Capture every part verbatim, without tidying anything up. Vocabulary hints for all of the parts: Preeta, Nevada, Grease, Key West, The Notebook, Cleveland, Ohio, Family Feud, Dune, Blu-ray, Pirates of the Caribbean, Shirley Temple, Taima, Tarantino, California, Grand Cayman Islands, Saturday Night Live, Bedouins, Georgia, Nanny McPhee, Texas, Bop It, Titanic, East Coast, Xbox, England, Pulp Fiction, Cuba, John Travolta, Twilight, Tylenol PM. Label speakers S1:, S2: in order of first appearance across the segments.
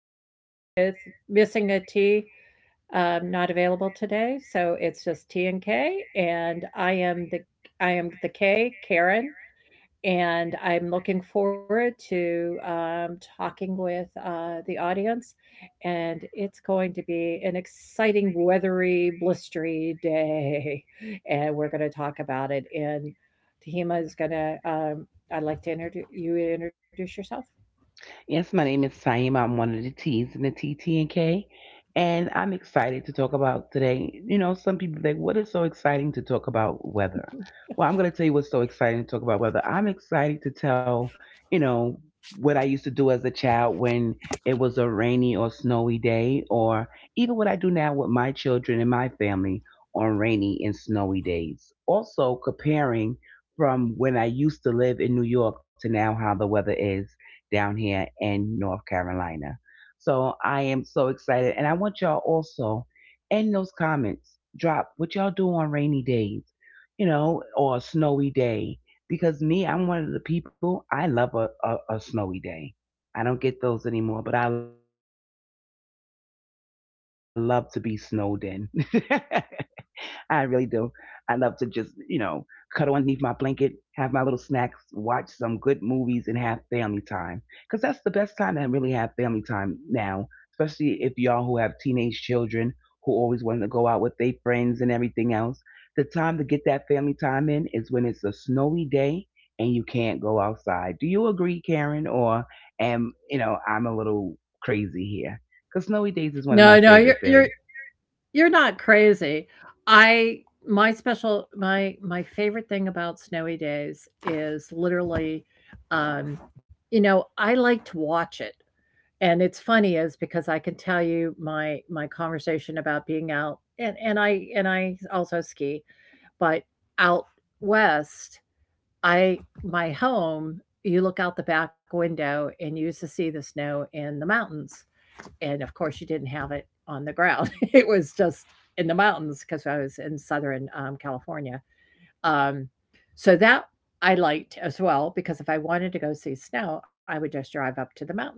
S1: and k with missing a T. Um, not available today, so it's just T and K. And I am the I am the K, Karen, and I'm looking forward to um, talking with uh, the audience. And it's going to be an exciting, weathery, blistery day, and we're going to talk about it. And Tahima is going to. Um, I'd like to introduce you. Introduce yourself.
S2: Yes, my name is Taima. I'm one of the T's in the T T N K, and K, and I'm excited to talk about today. You know, some people think, what is so exciting to talk about weather? Well, I'm going to tell you what's so exciting to talk about weather. I'm excited to tell, you know, what I used to do as a child when it was a rainy or snowy day, or even what I do now with my children and my family on rainy and snowy days. Also, comparing from when I used to live in New York to now how the weather is down here in North Carolina. So I am so excited. And I want y'all also in those comments, drop what y'all do on rainy days, you know, or a snowy day. Because me, I'm one of the people, I love a, a, a snowy day. I don't get those anymore, but I love to be snowed in. I really do. I love to just, you know, cuddle underneath my blanket, have my little snacks, watch some good movies, and have family time. Because that's the best time to really have family time now, especially if y'all who have teenage children who always want to go out with their friends and everything else. The time to get that family time in is when it's a snowy day and you can't go outside. Do you agree, Karen? Or am, you know, I'm a little crazy here? Because snowy days is one of my
S1: No, no, you're
S2: favorite
S1: you're
S2: things.
S1: You're not crazy. I My special my my favorite thing about snowy days is literally um you know, I like to watch it. And it's funny is because I can tell you my my conversation about being out and and I and I also ski, but out west, I my home, you look out the back window and you used to see the snow in the mountains, and of course you didn't have it on the ground. It was just in the mountains because I was in southern um, California. um, so that I liked as well, because if I wanted to go see snow I would just drive up to the mountains.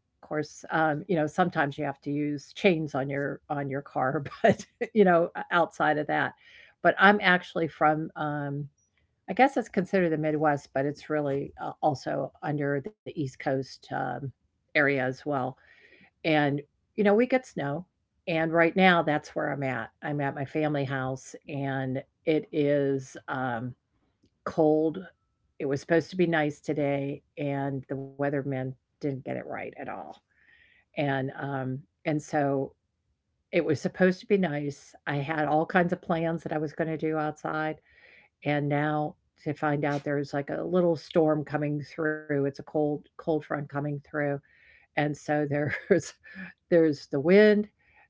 S1: Of course um, you know, sometimes you have to use chains on your on your car. But you know, outside of that, but I'm actually from um, I guess it's considered the Midwest, but it's really uh, also under the East Coast um, area as well. And, you know, we get snow. And right now, that's where I'm at. I'm at my family house, and it is um, cold. It was supposed to be nice today, and the weatherman didn't get it right at all. And um, and so it was supposed to be nice. I had all kinds of plans that I was going to do outside, and now to find out there's like a little storm coming through. It's a cold cold front coming through, and so there's there's the wind,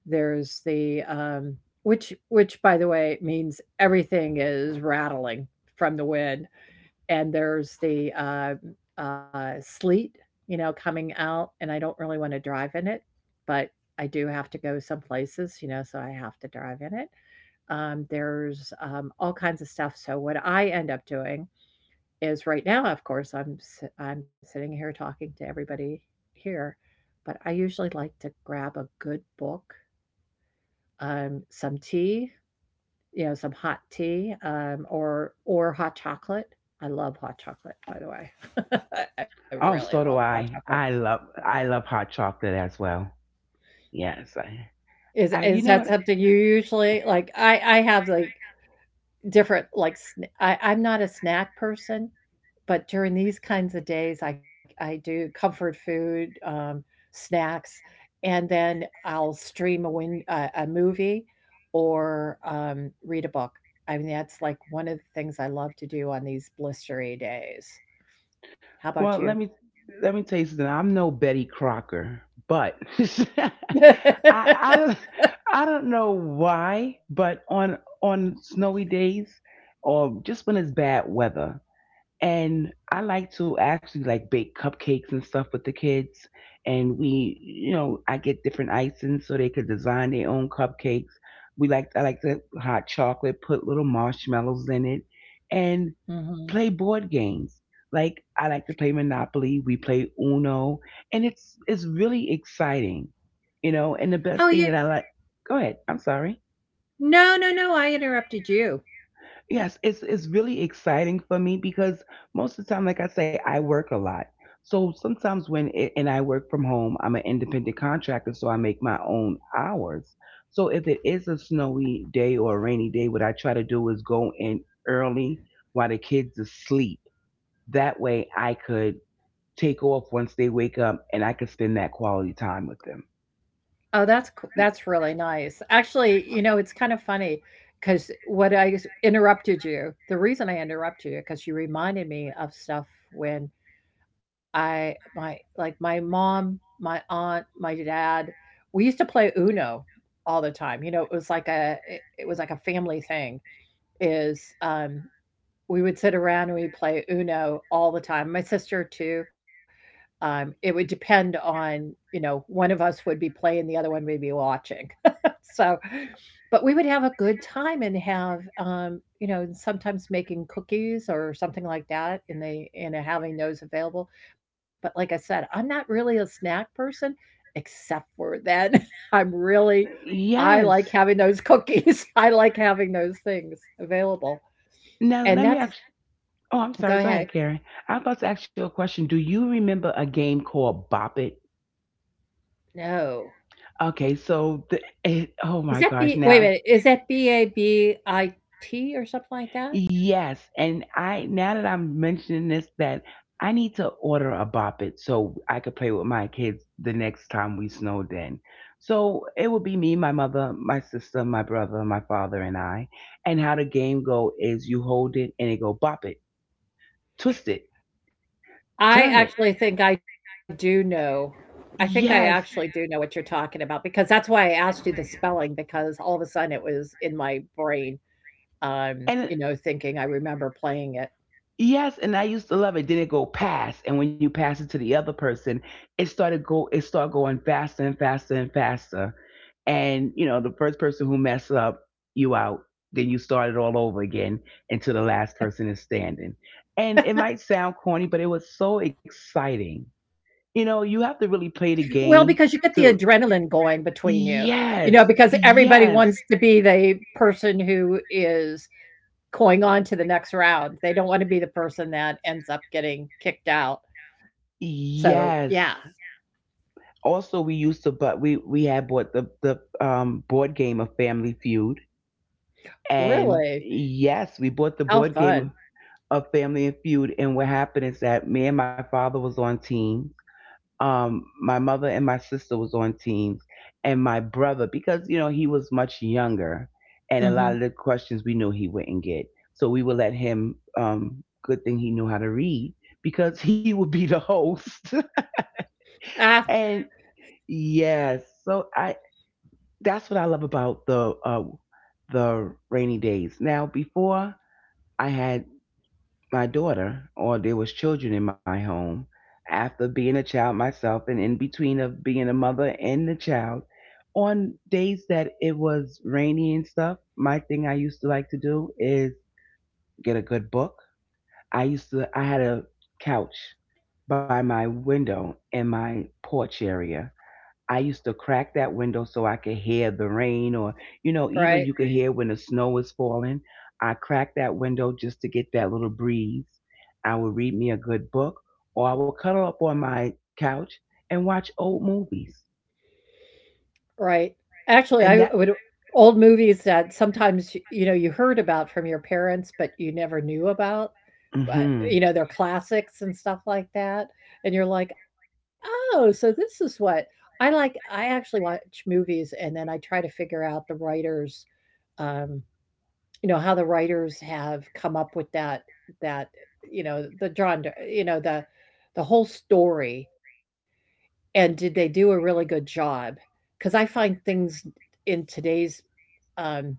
S1: there's the, um, which which by the way, means everything is rattling from the wind, and there's the uh, uh, sleet, you know, coming out, and I don't really want to drive in it, but I do have to go some places, you know, so I have to drive in it. Um, there's um, all kinds of stuff. So what I end up doing is right now, of course, I'm si- I'm sitting here talking to everybody here, but I usually like to grab a good book, um, some tea, you know, some hot tea, um, or or hot chocolate. I love hot chocolate, by the way. I really
S2: Oh,
S1: love
S2: so do
S1: hot chocolate.
S2: I. I love I love hot chocolate as well. Yes, I.
S1: Is
S2: I you
S1: is
S2: know
S1: that
S2: what?
S1: something you usually like? I I have like different like sn- I I'm not a snack person. But during these kinds of days, I I do comfort food, um, snacks, and then I'll stream a win a, a movie or um, read a book. I mean, that's like one of the things I love to do on these blistery days. How
S2: Well,
S1: about
S2: let
S1: you?
S2: me let me tell you something. I'm no Betty Crocker, but I I don't I don't know why, but on on snowy days or just when it's bad weather, and I like to actually like bake cupcakes and stuff with the kids. And we, you know, I get different icings so they could design their own cupcakes. We like I like the hot chocolate, put little marshmallows in it, and
S1: hmm
S2: play board games. Like I like to play Monopoly. We play Uno, and it's it's really exciting, you know. And the
S1: Oh,
S2: best thing
S1: you?
S2: that I like. Go ahead. I'm sorry.
S1: No, no, no. I interrupted you.
S2: Yes, it's it's really exciting for me because most of the time, like I say, I work a lot. So sometimes when it, and I work from home, I'm an independent contractor, so I make my own hours. So if it is a snowy day or a rainy day, what I try to do is go in early while the kids asleep. That way, I could take off once they wake up, and I could spend that quality time with them.
S1: Oh, that's coo that's really nice. Actually, you know, it's kind of funny funny 'cause what I s interrupted you. The reason I interrupted you because you reminded me of stuff when I my like, my mom, my aunt, my dad, we used to play UNO all the time. You know, it was like a it it was like a family thing is, um, we would sit around and we play UNO all the time. My sister too, um, it would depend on, you know, one of us would be playing, the other one would be watching. So, but we would have a good time and have, um, you know, and sometimes making cookies or something like that, and they and having those available. But like I said, I'm not really a snack person, except for then. I'm really, I like
S2: Yes.
S1: having those cookies. I like having those things available,
S2: Now
S1: and
S2: let
S1: that's
S2: me ask. Oh, I'm
S1: go
S2: sorry. Go
S1: ahead.
S2: ahead, Karen. I'm about to ask you a question. Do you remember a game called Bop It?
S1: No,
S2: Okay, so the, it, oh
S1: is
S2: my
S1: that
S2: gosh.
S1: B wait a
S2: Now,
S1: minute, is that B A B I T or something like that?
S2: yes, and I now that I'm mentioning this, that I need to order a Bop It so I could play with my kids the next time we snowed in. So it would be me, my mother, my sister, my brother, my father, and I. And how the game go is you hold it and it go Bop It, twist it,
S1: I
S2: turn it.
S1: actually think I do know. I think I actually do
S2: Yes.
S1: know what you're talking about because that's why I asked you the spelling, because all of a sudden it was in my brain, um,
S2: And
S1: you know, thinking I remember playing it.
S2: yes, and I used to love it. Then it go past, and when you pass it to the other person, it started go. It started going faster and faster and faster. And you know, the first person who mess up, you out. Then you start it all over again until the last person is standing. And it might sound corny, but it was so exciting. You know, you have to really
S1: Well,
S2: play the
S1: because you get the
S2: game to.
S1: adrenaline going between you, you know, because
S2: Yes,
S1: everybody
S2: yes,
S1: wants to be the person who is going on to the next round. They don't want to be the person that ends up getting kicked out. So, yeah,
S2: yes. Also, we used to, but we we had bought the the um, board game of Family Feud, and
S1: really,
S2: yes, we bought the
S1: how
S2: board game
S1: fun.
S2: of of Family and Feud. And what happened is that me and my father was on teams. Um, my mother and my sister was on teams, and my brother because you know he was much younger, and a
S1: Mhm.
S2: lot of the questions we knew he wouldn't get, so we would let him. Um, good thing he knew how to read because he would be the host.
S1: Ah,
S2: And yes, so I that's what I love about the uh, the rainy days. Now, before I had my daughter, or there was children in my home, after being a child myself, and in between of being a mother and the child, on days that it was rainy and stuff, my thing I used to like to do is get a good book. I used to I had a couch by my window in my porch area. I used to crack that window so I could hear the rain or, you know, even
S1: right,
S2: you could hear when the snow is falling. I cracked that window just to get that little breeze. I would read me a good book or I would cuddle up on my couch and watch old movies.
S1: right. Actually, I
S2: And that,
S1: would old movies that sometimes, you know, you heard about from your parents, but you never knew about, but, you
S2: hmm,
S1: know, they're classics and stuff like that, and you're like, "Oh, so this is what." I like I actually watch movies, and then I try to figure out the writer's, um you know, how the writers have come up with that that, you know, the drawn you know, the the whole story, and did they do a really good job? Because I find things in today's, um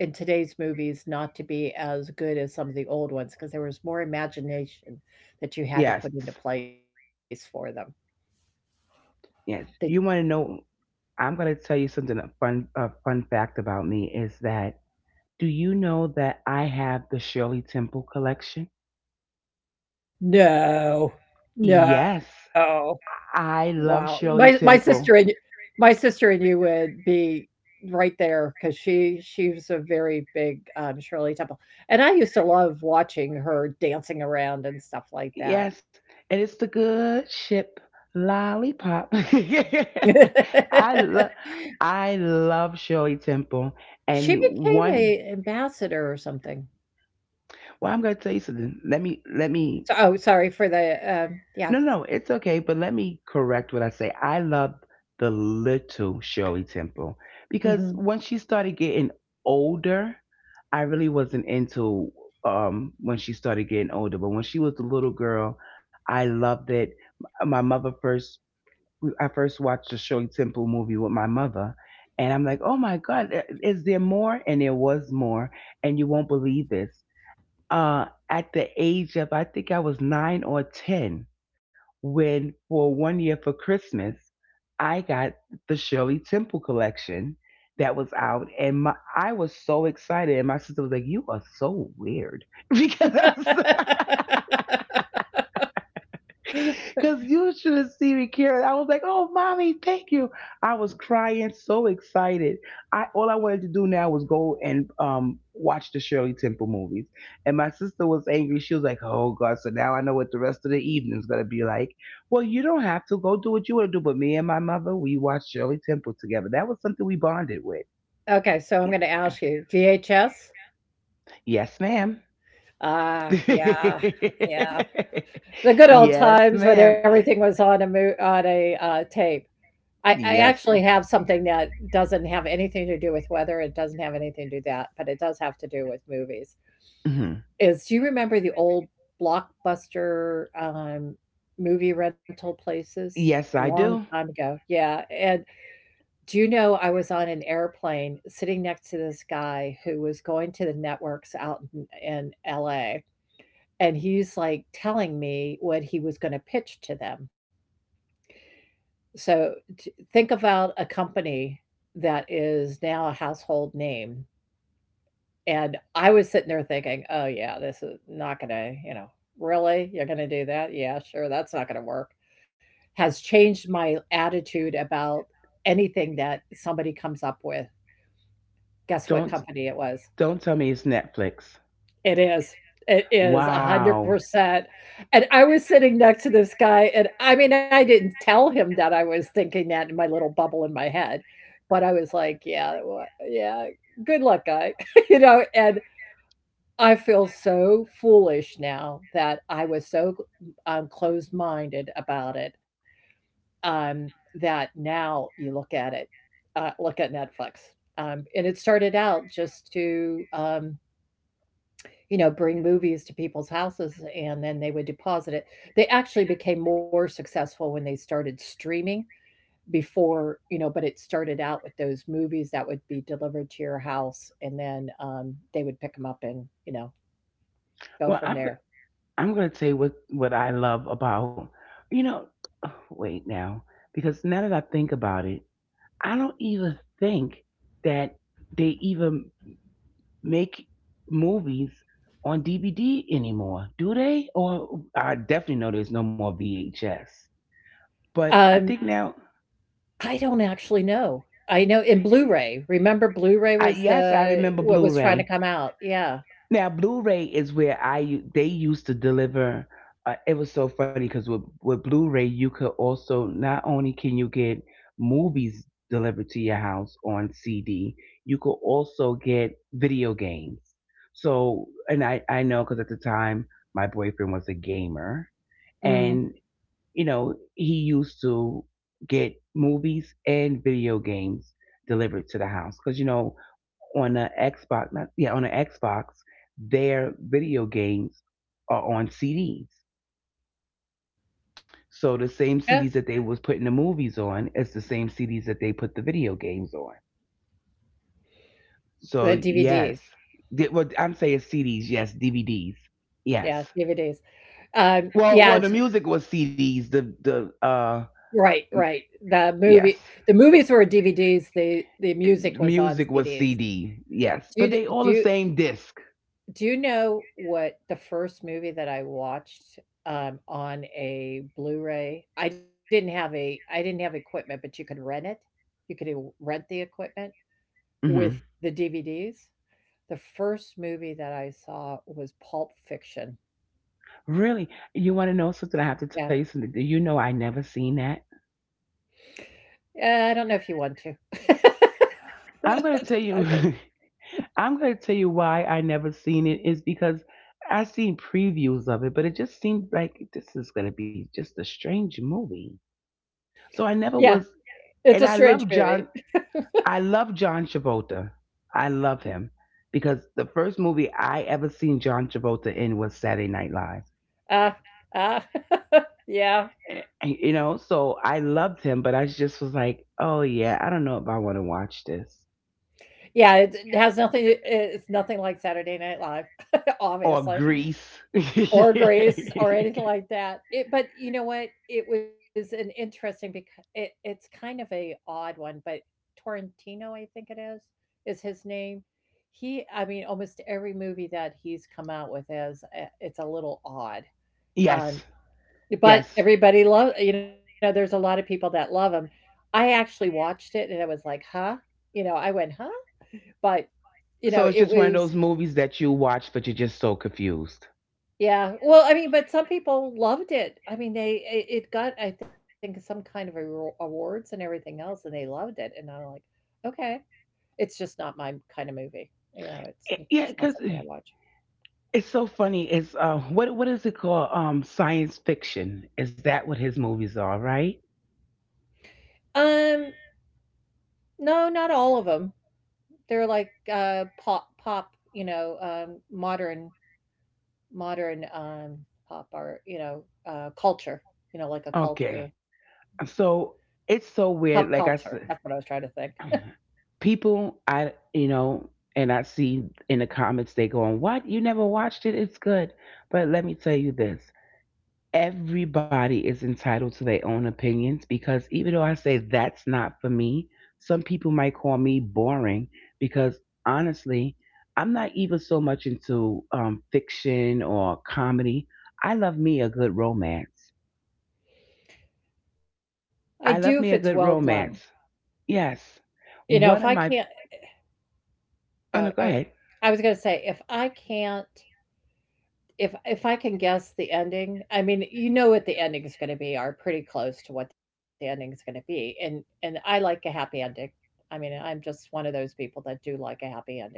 S1: in today's movies not to be as good as some of the old ones. Because there was more imagination that you had to put into
S2: yes,
S1: place for them. They
S2: yes. You want to know, I'm going to tell you something, a fun, a fun fact about me is that, do you know that I have the Shirley Temple collection?
S1: No.
S2: Yes.
S1: No. Wow.
S2: I
S1: My
S2: love
S1: my
S2: Shirley
S1: sister and
S2: Temple.
S1: My sister and you would be right there because she she was a very big, um, Shirley Temple, and I used to love watching her dancing around and stuff like that.
S2: Yes, and it's the good ship lollipop. I love I love Shirley Temple.
S1: She
S2: And
S1: became
S2: one
S1: a ambassador or something.
S2: well I'm gonna tell you something. Let me let
S1: So
S2: me.
S1: oh, sorry for the, um, yeah.
S2: No, no, it's okay, but let me correct what I say. I love the little Shirley Temple because
S1: Mhm.
S2: once she started getting older, I really wasn't into um when she started getting older, but when she was a little girl, I loved it. M- My mother first I first watched the Shirley Temple movie with my mother, and I'm like, "Oh my god, i- is there more?" And there was more, and you won't believe this. Uh at the age of I think I was nine or ten, when for one year for Christmas, I got the Shirley Temple collection that was out, and my I was so excited, and my sister was like, "You are so weird," because Cause you should have seen me, Karen. I was like, "Oh, mommy, thank you." I was crying, so excited. I all I wanted to do now was go and um watch the Shirley Temple movies. And my sister was angry. She was like, "Oh God!" So now I know what the rest of the evening's gonna be like. Well, you don't have to go do what you want to do, but me and my mother, we watched Shirley Temple together. That was something we bonded with.
S1: Okay, so I'm gonna ask you, V H S?
S2: Yes, ma'am.
S1: Ah, yeah, yeah. The good old
S2: Yes,
S1: times when
S2: ma'am.
S1: everything was on a mo on a, uh, tape. I, I
S2: Yes.
S1: actually have something that doesn't have anything to do with weather. It doesn't have anything to do that, but it does have to do with movies.
S2: Mhm.
S1: Is do you remember the old blockbuster um, movie rental places?
S2: Yes, I
S1: Long
S2: do.
S1: time ago. Yeah. And do you know I was on an airplane sitting next to this guy who was going to the networks out in, in L A? And he's like telling me what he was going to pitch to them. So t- think about a company that is now a household name. And I was sitting there thinking, oh, yeah, this is not going to, you know, really? You're going to do that? Yeah, sure. That's not going to work. Has changed my attitude about anything that somebody comes up with. Guess what
S2: Don't
S1: company it was?
S2: don't tell me it's Netflix.
S1: It is. It is
S2: Wow.
S1: one hundred percent. And I was sitting next to this guy, and I mean, I didn't tell him that I was thinking that in my little bubble in my head, but I was like, "Yeah, wha yeah, good luck, guy," you know? And I feel so foolish now that I was so, um, closed-minded about it, um, that now you look at it, uh, look at Netflix, um, and it started out just to, um you know, bring movies to people's houses and then they would deposit it. They actually became more successful when they started streaming before, you know, but it started out with those movies that would be delivered to your house and then um, they would pick them up and, you know, go
S2: Well,
S1: from
S2: I'm
S1: there.
S2: I'm going to tell you what what I love about you know. Wait now, because now that I think about it, I don't even think that they even make movies on D V D anymore, do they? Or I definitely know there's no more V H S. But I think
S1: Um,
S2: now,
S1: I don't actually know. I know in Blu-ray. Remember Blu-ray
S2: I
S1: was
S2: yes, I
S1: the
S2: remember
S1: what was trying to
S2: Blu-ray.
S1: come out. Yeah.
S2: Now, Blu-ray is where I u- they used to deliver. Uh, it was so funny because with with Blu-ray, you could also not only can you get movies delivered to your house on C D, you could also get video games. So, and I I know because at the time my boyfriend was a gamer,
S1: Mm.
S2: and you know he used to get movies and video games delivered to the house because you know on a Xbox, not, yeah, on an Xbox, their video games are on C Ds. So the
S1: Yeah.
S2: same C Ds that they was putting the movies on is the same C Ds that they put the video games on. So
S1: The
S2: yes,
S1: D V Ds.
S2: well, I'm saying C Ds, yes, D V Ds,
S1: Yeah,
S2: yes.
S1: D V Ds. Um,
S2: Well, well,
S1: yeah,
S2: the music was C Ds. The the uh
S1: Right, right. The movie
S2: yes,
S1: the movies were D V Ds, the the music was on
S2: music was
S1: C Ds.
S2: C D. Yes, but
S1: Do
S2: they
S1: you
S2: all the
S1: do you
S2: same disk.
S1: do you know what the first movie that I watched, um, on a Blu-ray? I didn't have a I didn't have equipment, but you could rent it. You could w rent the equipment
S2: Hmm.
S1: with the D V Ds. The first movie that I saw was Pulp Fiction.
S2: Really? You want to know something? I have to tell you
S1: Yeah.
S2: something. Do you know I never seen that?
S1: Uh, I don't know if you want to.
S2: I'm gonna tell
S1: I
S2: you.
S1: don't
S2: I'm gonna tell you why I never seen it is because I seen previews of it, but it just seemed like this is gonna be just a strange movie. So I never
S1: Yeah,
S2: was,
S1: it's
S2: and
S1: a
S2: I
S1: strange
S2: love
S1: movie.
S2: John. I love John Travolta. I love him because the first movie I ever seen John Travolta in was Saturday Night Live.
S1: Uh, uh, yeah.
S2: And, you know, so I loved him, but I just was like, oh yeah, I don't know if I want to watch this
S1: Yeah, it it has nothing it's nothing like Saturday Night Live,
S2: or
S1: obviously,
S2: Grease.
S1: or Grace or anything like that. It but you know what? It was an interesting because it it's kind of a odd one, but Tarantino, I think it is, is his name. He I mean, almost every movie that he's come out with is, eh, it's a little odd.
S2: Yes.
S1: um, But
S2: Yes.
S1: everybody love you know, there's a lot of people that love love 'em. I actually watched it, and I was like, "Huh?" You know, I went, "Huh?" But, you know,
S2: So it's
S1: it
S2: just one of
S1: was
S2: those movies that you watch, but you're just so confused.
S1: yeah. Well, I mean, but some people loved it. I mean, they it it got, I think, some kind of awa awards and everything else, and they loved it, and I'm like, "Okay." It's just not my kind of movie. You know, it's it's
S2: Eh,
S1: just
S2: yeah,
S1: not
S2: because
S1: something I watch.
S2: it's so funny. It's uh, what what is it called? Um, science fiction. Is that what his movies are? Right?
S1: Um, no, not all of them. 'em. They're like, uh, pop pop, you know, um, modern Modern, um, pop art, you know, uh, culture, you know, like a culture
S2: Okay. So it's
S1: pop
S2: so weird.
S1: culture.
S2: Like I
S1: That's what I was
S2: said,
S1: trying to think.
S2: people, I you know, and I see in the comments they going, "What? You never watched it? It's good." But let me tell you this. Everybody is entitled to their own opinions because even though I say that's not for me, some people might call me boring because honestly, I'm not even so much into um, fiction or comedy. I love me a good romance.
S1: I do if it's
S2: I love
S1: well
S2: me a good
S1: done.
S2: romance. Yes.
S1: You know, if I
S2: One of
S1: can't
S2: my, oh
S1: uh,
S2: no, go
S1: I
S2: ahead.
S1: I was gonna say, if I can't if if I can guess the ending, I mean, you know what the ending is gonna be, are pretty close to what the ending is gonna be, and and I like a happy ending. I mean, I'm just one of those people that do like a happy ending,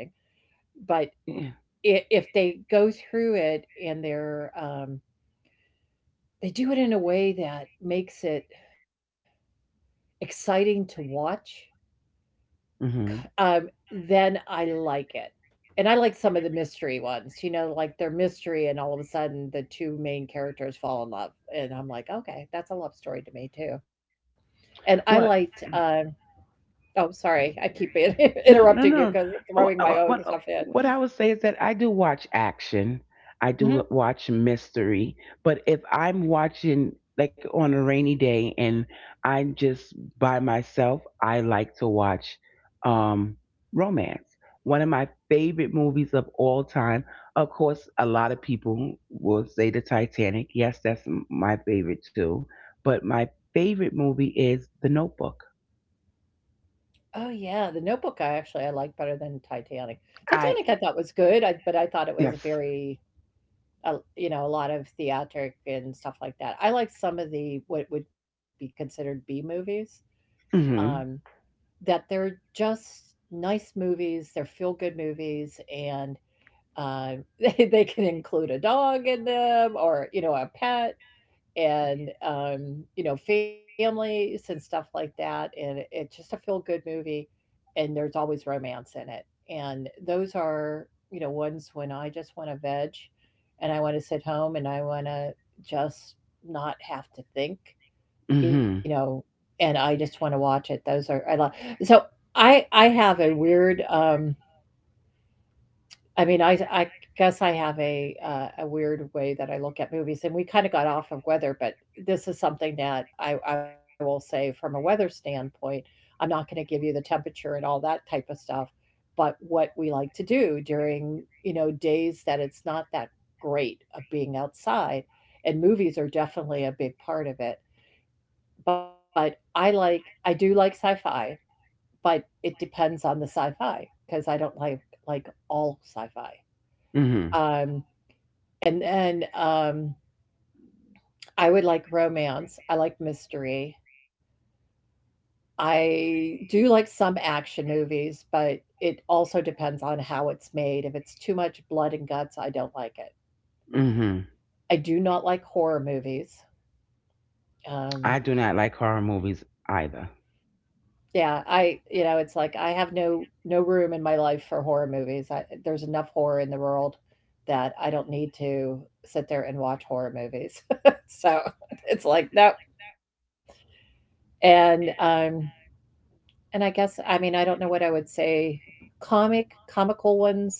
S1: but
S2: Yeah.
S1: I if they go through it and they're, um they do it in a way that makes it exciting to watch.
S2: hmm
S1: Um, then I like it. And I like some of the mystery ones, you know, like they're mystery and all of a sudden the two main characters fall in love. And I'm like, okay, that's a love story to me too. And I liked,
S2: Well,
S1: um, oh, sorry, I keep in-
S2: no,
S1: interrupting you
S2: no,
S1: because
S2: no.
S1: throwing
S2: Oh,
S1: my
S2: uh, uh,
S1: own
S2: What
S1: stuff
S2: uh, what
S1: in.
S2: I would say is that I do watch action. I do l-
S1: Hmm.
S2: watch mystery, but if I'm watching like on a rainy day and I'm just by myself, I like to watch um romance. One of my favorite movies of all time. Of course, a lot of people will say The Titanic. Yes, that's m- my favorite too. But my favorite movie is The Notebook.
S1: Oh yeah, The Notebook. I actually I like better than Titanic. Titanic I thought
S2: I
S1: was good, I, but I thought it was
S2: Yes.
S1: very a, you know, a lot of theatric and stuff like that. I like some of the what would be considered B movies, um,
S2: Mhm.
S1: that they're just nice movies. They're feel good movies, and uh, they, they can include a dog in them or you know a pet, and um, you know families and stuff like that, and it- it's just a feel good movie, and there's always romance in it. And those are you know ones when I just want to veg and I want to sit home and I want to just not have to think, you know and I just want to watch it. Those are, I love. So i i have a weird, um I mean, I I guess I have a uh, a weird way that I look at movies, and we kind of got off of weather. But this is something that I I will say from a weather standpoint, I'm not going to give you the temperature and all that type of stuff, but what we like to do during, you know days that it's not that great of being outside, and movies are definitely a big part of it. But I like I do like sci-fi, but it depends on the sci-fi, because I don't like like all sci-fi.
S2: Mhm.
S1: Um, and then, um, I would like romance. I like mystery. I do like some action movies, but it also depends on how it's made. If it's too much blood and guts, I don't like it.
S2: Mhm.
S1: I do not like horror movies. Um,
S2: I do not like horror movies either.
S1: yeah, I you know, it's like I have no no room in my life for horror movies. I, there's enough horror in the world that I don't need to sit there and watch horror movies. So it's like no. And um, And I guess, I mean, I don't know what I would say. Comic, comical ones.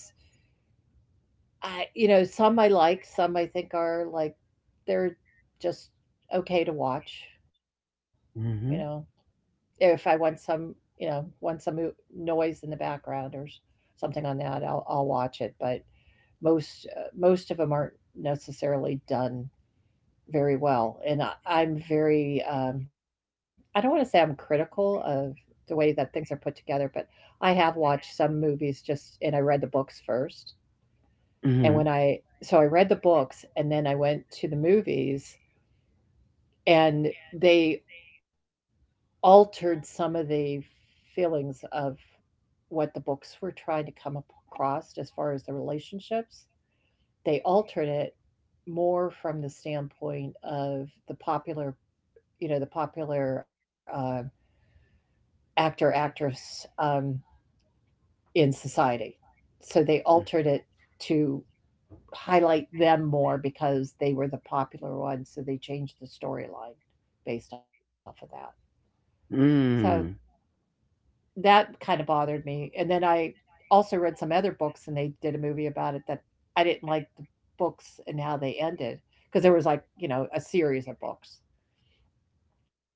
S1: I you know Some I like, some I think are like they're just okay to watch. You know,
S2: Mhm.
S1: if I want some, you know, want some mo- noise in the background or s- something on that, I'll I'll watch it. But most uh, most of them aren't necessarily done very well. And I- I'm very, um, I don't want to say I'm critical of the way that things are put together, but I have watched some movies, just, and I read the books first. And when
S2: Mhm.
S1: I, so I read the books and then I went to the movies, and they altered some of the feelings of what the books were trying to come ap- across, as far as the relationships. They altered it more from the standpoint of the popular, you know the popular uh, actor, actress, um, in society. So they altered it to highlight them more because they were the popular ones. So they changed the storyline based off of that. So
S2: Mm.
S1: that kind of bothered me. And then I also read some other books and they did a movie about it that I didn't like the books and how they ended, because there was, like, you know, a series of books.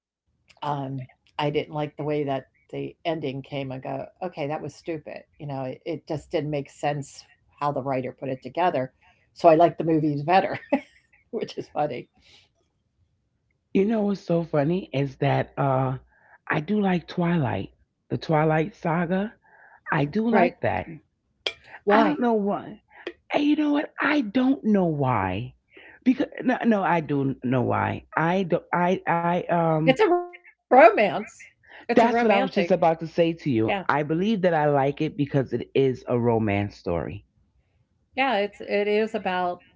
S1: um, I didn't like the way that the ending came. I go, okay, that was stupid. You know, it, it just didn't make sense how the writer put it together. So I like the movies better, which is funny.
S2: You know what's so funny is that uh I do like Twilight. The Twilight saga. I do like
S1: Right.
S2: that. I don't know
S1: Why?
S2: why. And you know what? I don't know why. Because no, no, I do know why. I do I I um
S1: It's a romance. It's a
S2: that's what I was just
S1: romantic.
S2: about to say to you.
S1: Yeah,
S2: I believe that I like it because it is a romance story.
S1: yeah. It's it is about,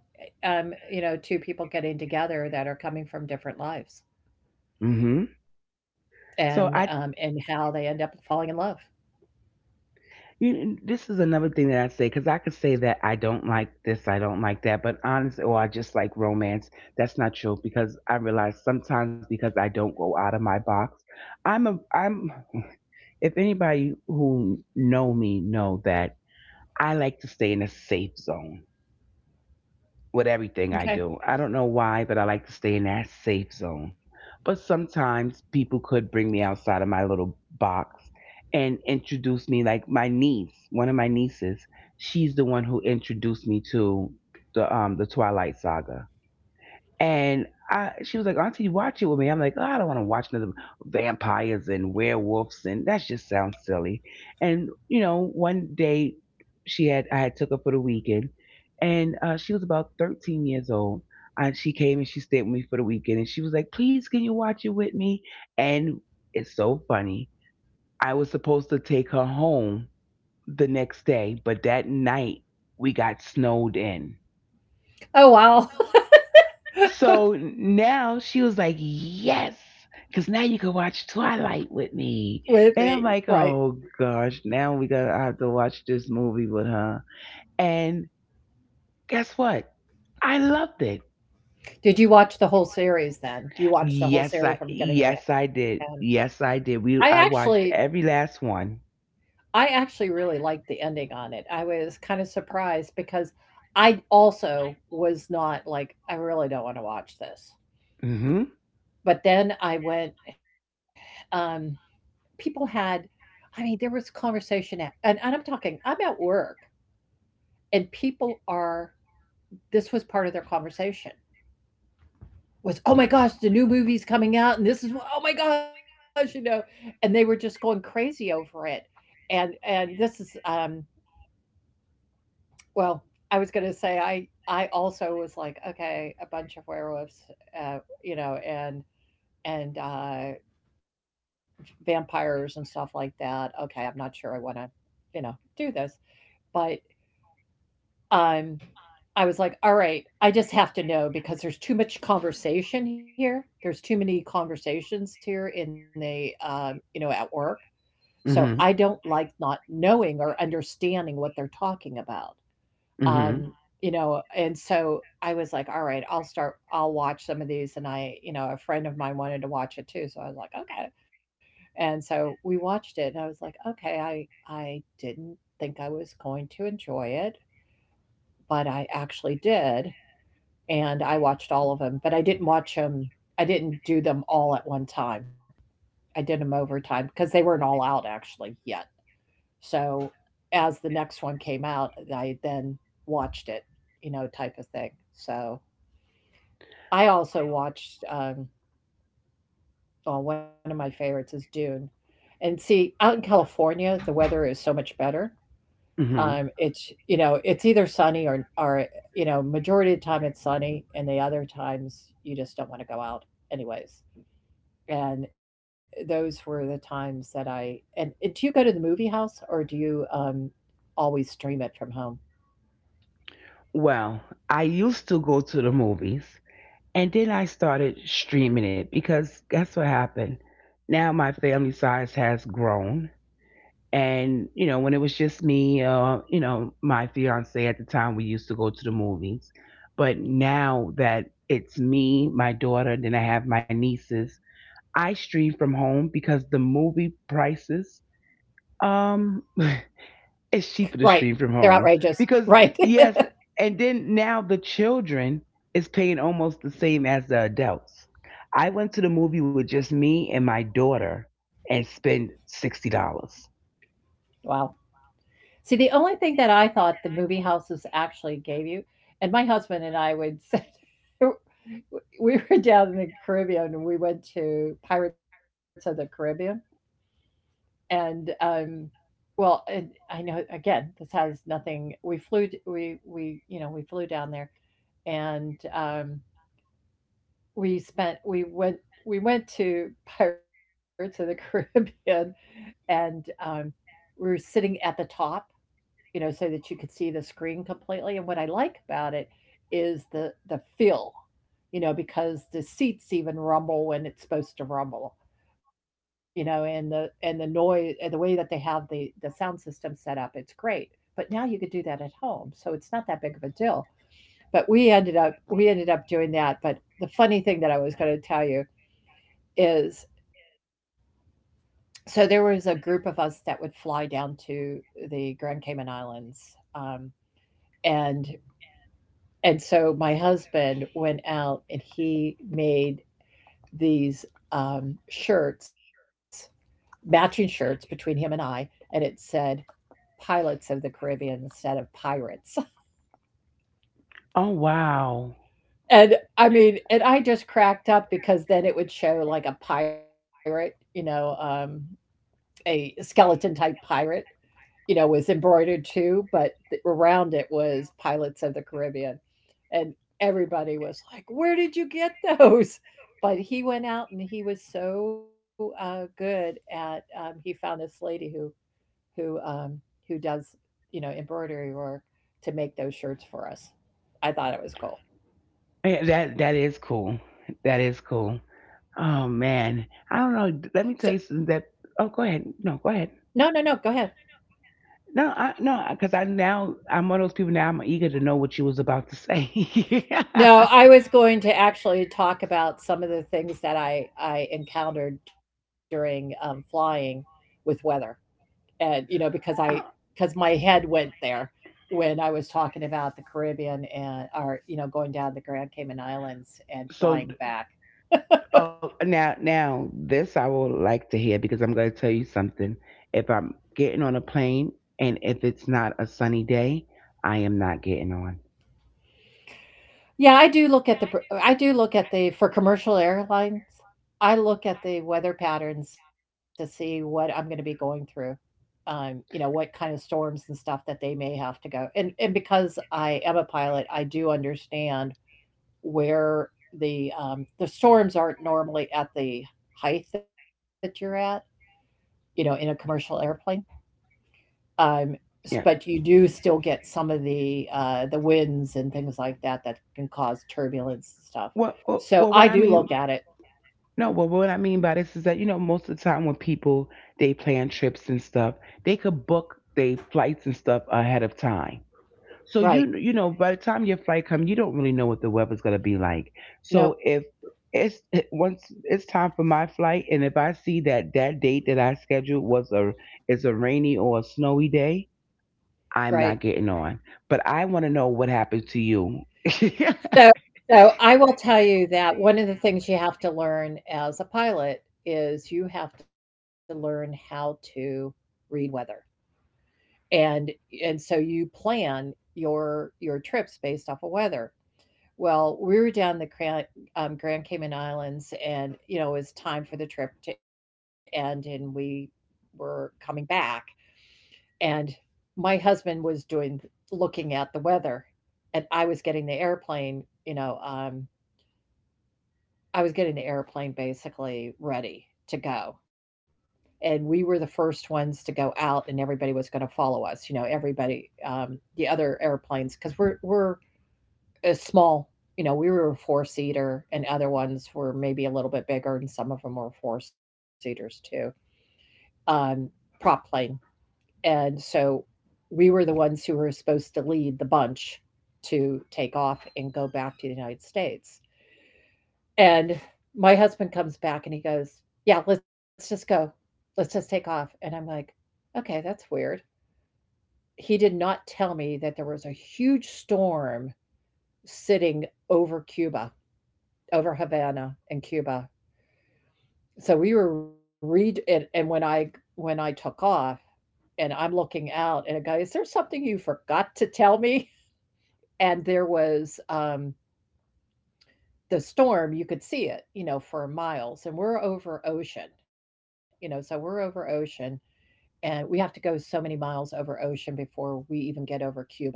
S1: um, you know two people getting together that are coming from different lives,
S2: Mhm.
S1: and um,
S2: So I
S1: and how they end up falling in love.
S2: You, this is another thing that I say because I could say that I don't like this, I don't like that, but honestly, or I just like romance. That's not true because I realize sometimes because I don't go out of my box. I'm a I'm. If anybody who know me know that I like to stay in a safe zone with everything I
S1: Okay.
S2: do. I don't know why, but I like to stay in that safe zone. But sometimes people could bring me outside of my little box and introduce me, like my niece, one of my nieces. She's the one who introduced me to the um the Twilight Saga. And I, she was like, "Auntie, watch it with me." I'm like, "Oh, I don't want to watch another vampires and werewolves, and that just sounds silly." And you know, one day she had I had took her for the weekend, and uh, she was about thirteen years old. And she came and she stayed with me for the weekend, and she was like, "Please, can you watch it with me?" And it's so funny. I was supposed to take her home the next day, but that night we got snowed in.
S1: Oh wow,
S2: So now she was like, "Yes, because now you can watch Twilight with
S1: with
S2: me."
S1: me,
S2: And I'm
S1: right?
S2: like, "Oh gosh, now we gotta have to watch this movie with her." And guess what? I loved it.
S1: Did you watch the whole series then? You watched the whole
S2: Yes, I
S1: series from beginning to
S2: yes I
S1: end.
S2: did. Yes, I
S1: I
S2: did. We I
S1: actually
S2: watched every last one.
S1: I actually really liked the ending on it. I was kind of surprised, because I also was not like, "I really don't wanna watch this."
S2: Mm-hmm.
S1: But then I went, um, people had, I mean, there was conversation at, and and I'm talking, I'm at work, and people are, this was part of their conversation. Was, oh my gosh, the new movie's coming out, and this is, oh my gosh, you know and they were just going crazy over it. And and this is, um well, I was going to say, i i also was like, okay, a bunch of werewolves, uh you know and and uh vampires and stuff like that, okay, I'm not sure I want to, you know do this. But Um, I was like, "All right, I just have to know, because there's too much conversation here. There's too many conversations here in the, um, you know, at work. So I don't
S2: Mm-hmm.
S1: like not knowing or understanding what they're talking about. Um,
S2: Mm-hmm.
S1: you know, and so I was like, all right, I'll start, I'll watch some of these. And I, you know, a friend of mine wanted to watch it too. So I was like, okay. And so we watched it and I was like, okay, I, I didn't think I was going to enjoy it, but I actually did. And I watched all of them, but I didn't watch them I didn't do them all at one time. I did them over time because they weren't all out actually yet. So as the next one came out, I then watched it, you know, type of thing. So I also watched, um well, one of my favorites is Dune. And see, out in California, the weather is so much better. Um,
S2: Mm-hmm.
S1: it's you know, it's either sunny or or you know, majority of the time it's sunny, and the other times you just don't want to go out, anyways. And those were the times that I, and and do you go to the movie house or do you, um, always stream it from home?
S2: Well, I used to go to the movies. And then I started streaming it because guess what happened? Now my family size has grown. And, you know, when it was just me, uh, you know, my fiance at the time, we used to go to the movies. But now that it's me, my daughter, then I have my nieces, I stream from home because the movie prices um it's
S1: Right.
S2: cheaper to
S1: They're
S2: stream from
S1: outrageous.
S2: home
S1: Right.
S2: because yes, and then now the children is paying almost the same as the adults. I went to the movie with just me and my daughter and spent sixty dollars.
S1: Wow. See, the only thing that I thought the movie houses actually gave you, and my husband and I would, sit, we were down in the Caribbean, and we went to Pirates of the Caribbean, and, um, well, and I know, again, this has nothing, we flew d we we, you know, we flew down there, and, um we spent we went we went to Pirates of the Caribbean. And um, we were sitting at the top, you know, so that you could see the screen completely. And what I like about it is the the feel, you know, because the seats even rumble when it's supposed to rumble, you know, and the and the noise, and the way that they have the the sound system set up, it's great. But now you could do that at home, so it's not that big of a deal. But we ended up we ended up doing that. But the funny thing that I was going to tell you is, so there was a group of us that would fly down to the Grand Cayman Islands, um, and and so my husband went out and he made these, um, shirts matching shirts between him and I, and it said Pilots of the Caribbean instead of Pirates.
S2: Oh wow.
S1: And I mean, and I just cracked up, because then it would show like a pirate, you know um, a skeleton type pirate, you know, was embroidered too, but th- around it was Pirates of the Caribbean. And everybody was like, "Where did you get those?" But he went out, and he was so uh, good at, um, he found this lady who, who, um, who does, you know, embroidery work to make those shirts for us. I thought it was cool.
S2: Eh, that that is cool. That is cool. Oh man, I don't
S1: So,
S2: know, let me tell you something that oh go ahead, no go
S1: no,
S2: ahead.
S1: no, no, go ahead.
S2: No, I no, because I now I'm one of those people now. I'm eager to know what you was about to say.
S1: No, I was going to actually talk about some of the things that I I encountered during, um, flying with weather, and, you know, because I because my head went there when I was talking about the Caribbean and or, you know, going down the Grand Cayman Islands and flying
S2: So
S1: back.
S2: oh, now, now, this I would like to hear because I'm going to tell you something. If I'm getting on a plane and if it's not a sunny day, I am not getting on.
S1: Yeah, I do look at the pr I do look at the for commercial airlines, I look at the weather patterns to see what I'm gonna be going through. Um, you know, what kind of storms and stuff that they may have to go. And and because I am a pilot, I do understand where the um, the storms aren't normally at the height that you're at, you know, in a commercial airplane. Um, s-
S2: Yeah.
S1: but you do still get some of the uh, the winds and things like that that can cause turbulence and stuff.
S2: Well, well,
S1: So
S2: well, what
S1: I
S2: I
S1: do
S2: mean,
S1: look at it.
S2: no, well, what I mean by this is that you know, most of the time when people they plan trips and stuff, they could book their flights and stuff ahead of time. So
S1: Right.
S2: you you know by the time your flight comes, you don't really know what the weather's gonna be like. So
S1: Nope.
S2: if it's once it's time for my flight, and if I see that that date that I scheduled was a is a rainy or a snowy day,
S1: Right.
S2: I'm not getting on. But I want to know what happened to you. No,
S1: So so I will tell you that one of the things you have to learn as a pilot is you have to learn how to read weather. And and so you plan your your trips based off of weather. Well, we were down the Grand, um, Grand Cayman Islands, and you know it was time for the trip to end and we were coming back, and my husband was doing looking at the weather, and I was getting the airplane, you know, um I was getting the airplane basically ready to go. And we were the first ones to go out, and everybody was going to follow us. You know, everybody, um, the other airplanes, because we're we're a small. You know, we were a four seater, and other ones were maybe a little bit bigger, and some of them were four seaters too. Um, Prop plane, and so we were the ones who were supposed to lead the bunch to take off and go back to the United States. And my husband comes back and he goes, "Yeah, let's just go. Let's just take off." And I'm like, "Okay, that's weird." He did not tell me that there was a huge storm sitting over Cuba, over Havana in Cuba. So we were read and, and when I when I took off and I'm looking out and a guy, "Is there something you forgot to tell me?" And there was um the storm, you could see it, you know, for miles. And we're over ocean, you know, so we're over ocean, and we have to go so many miles over ocean before we even get over Cuba.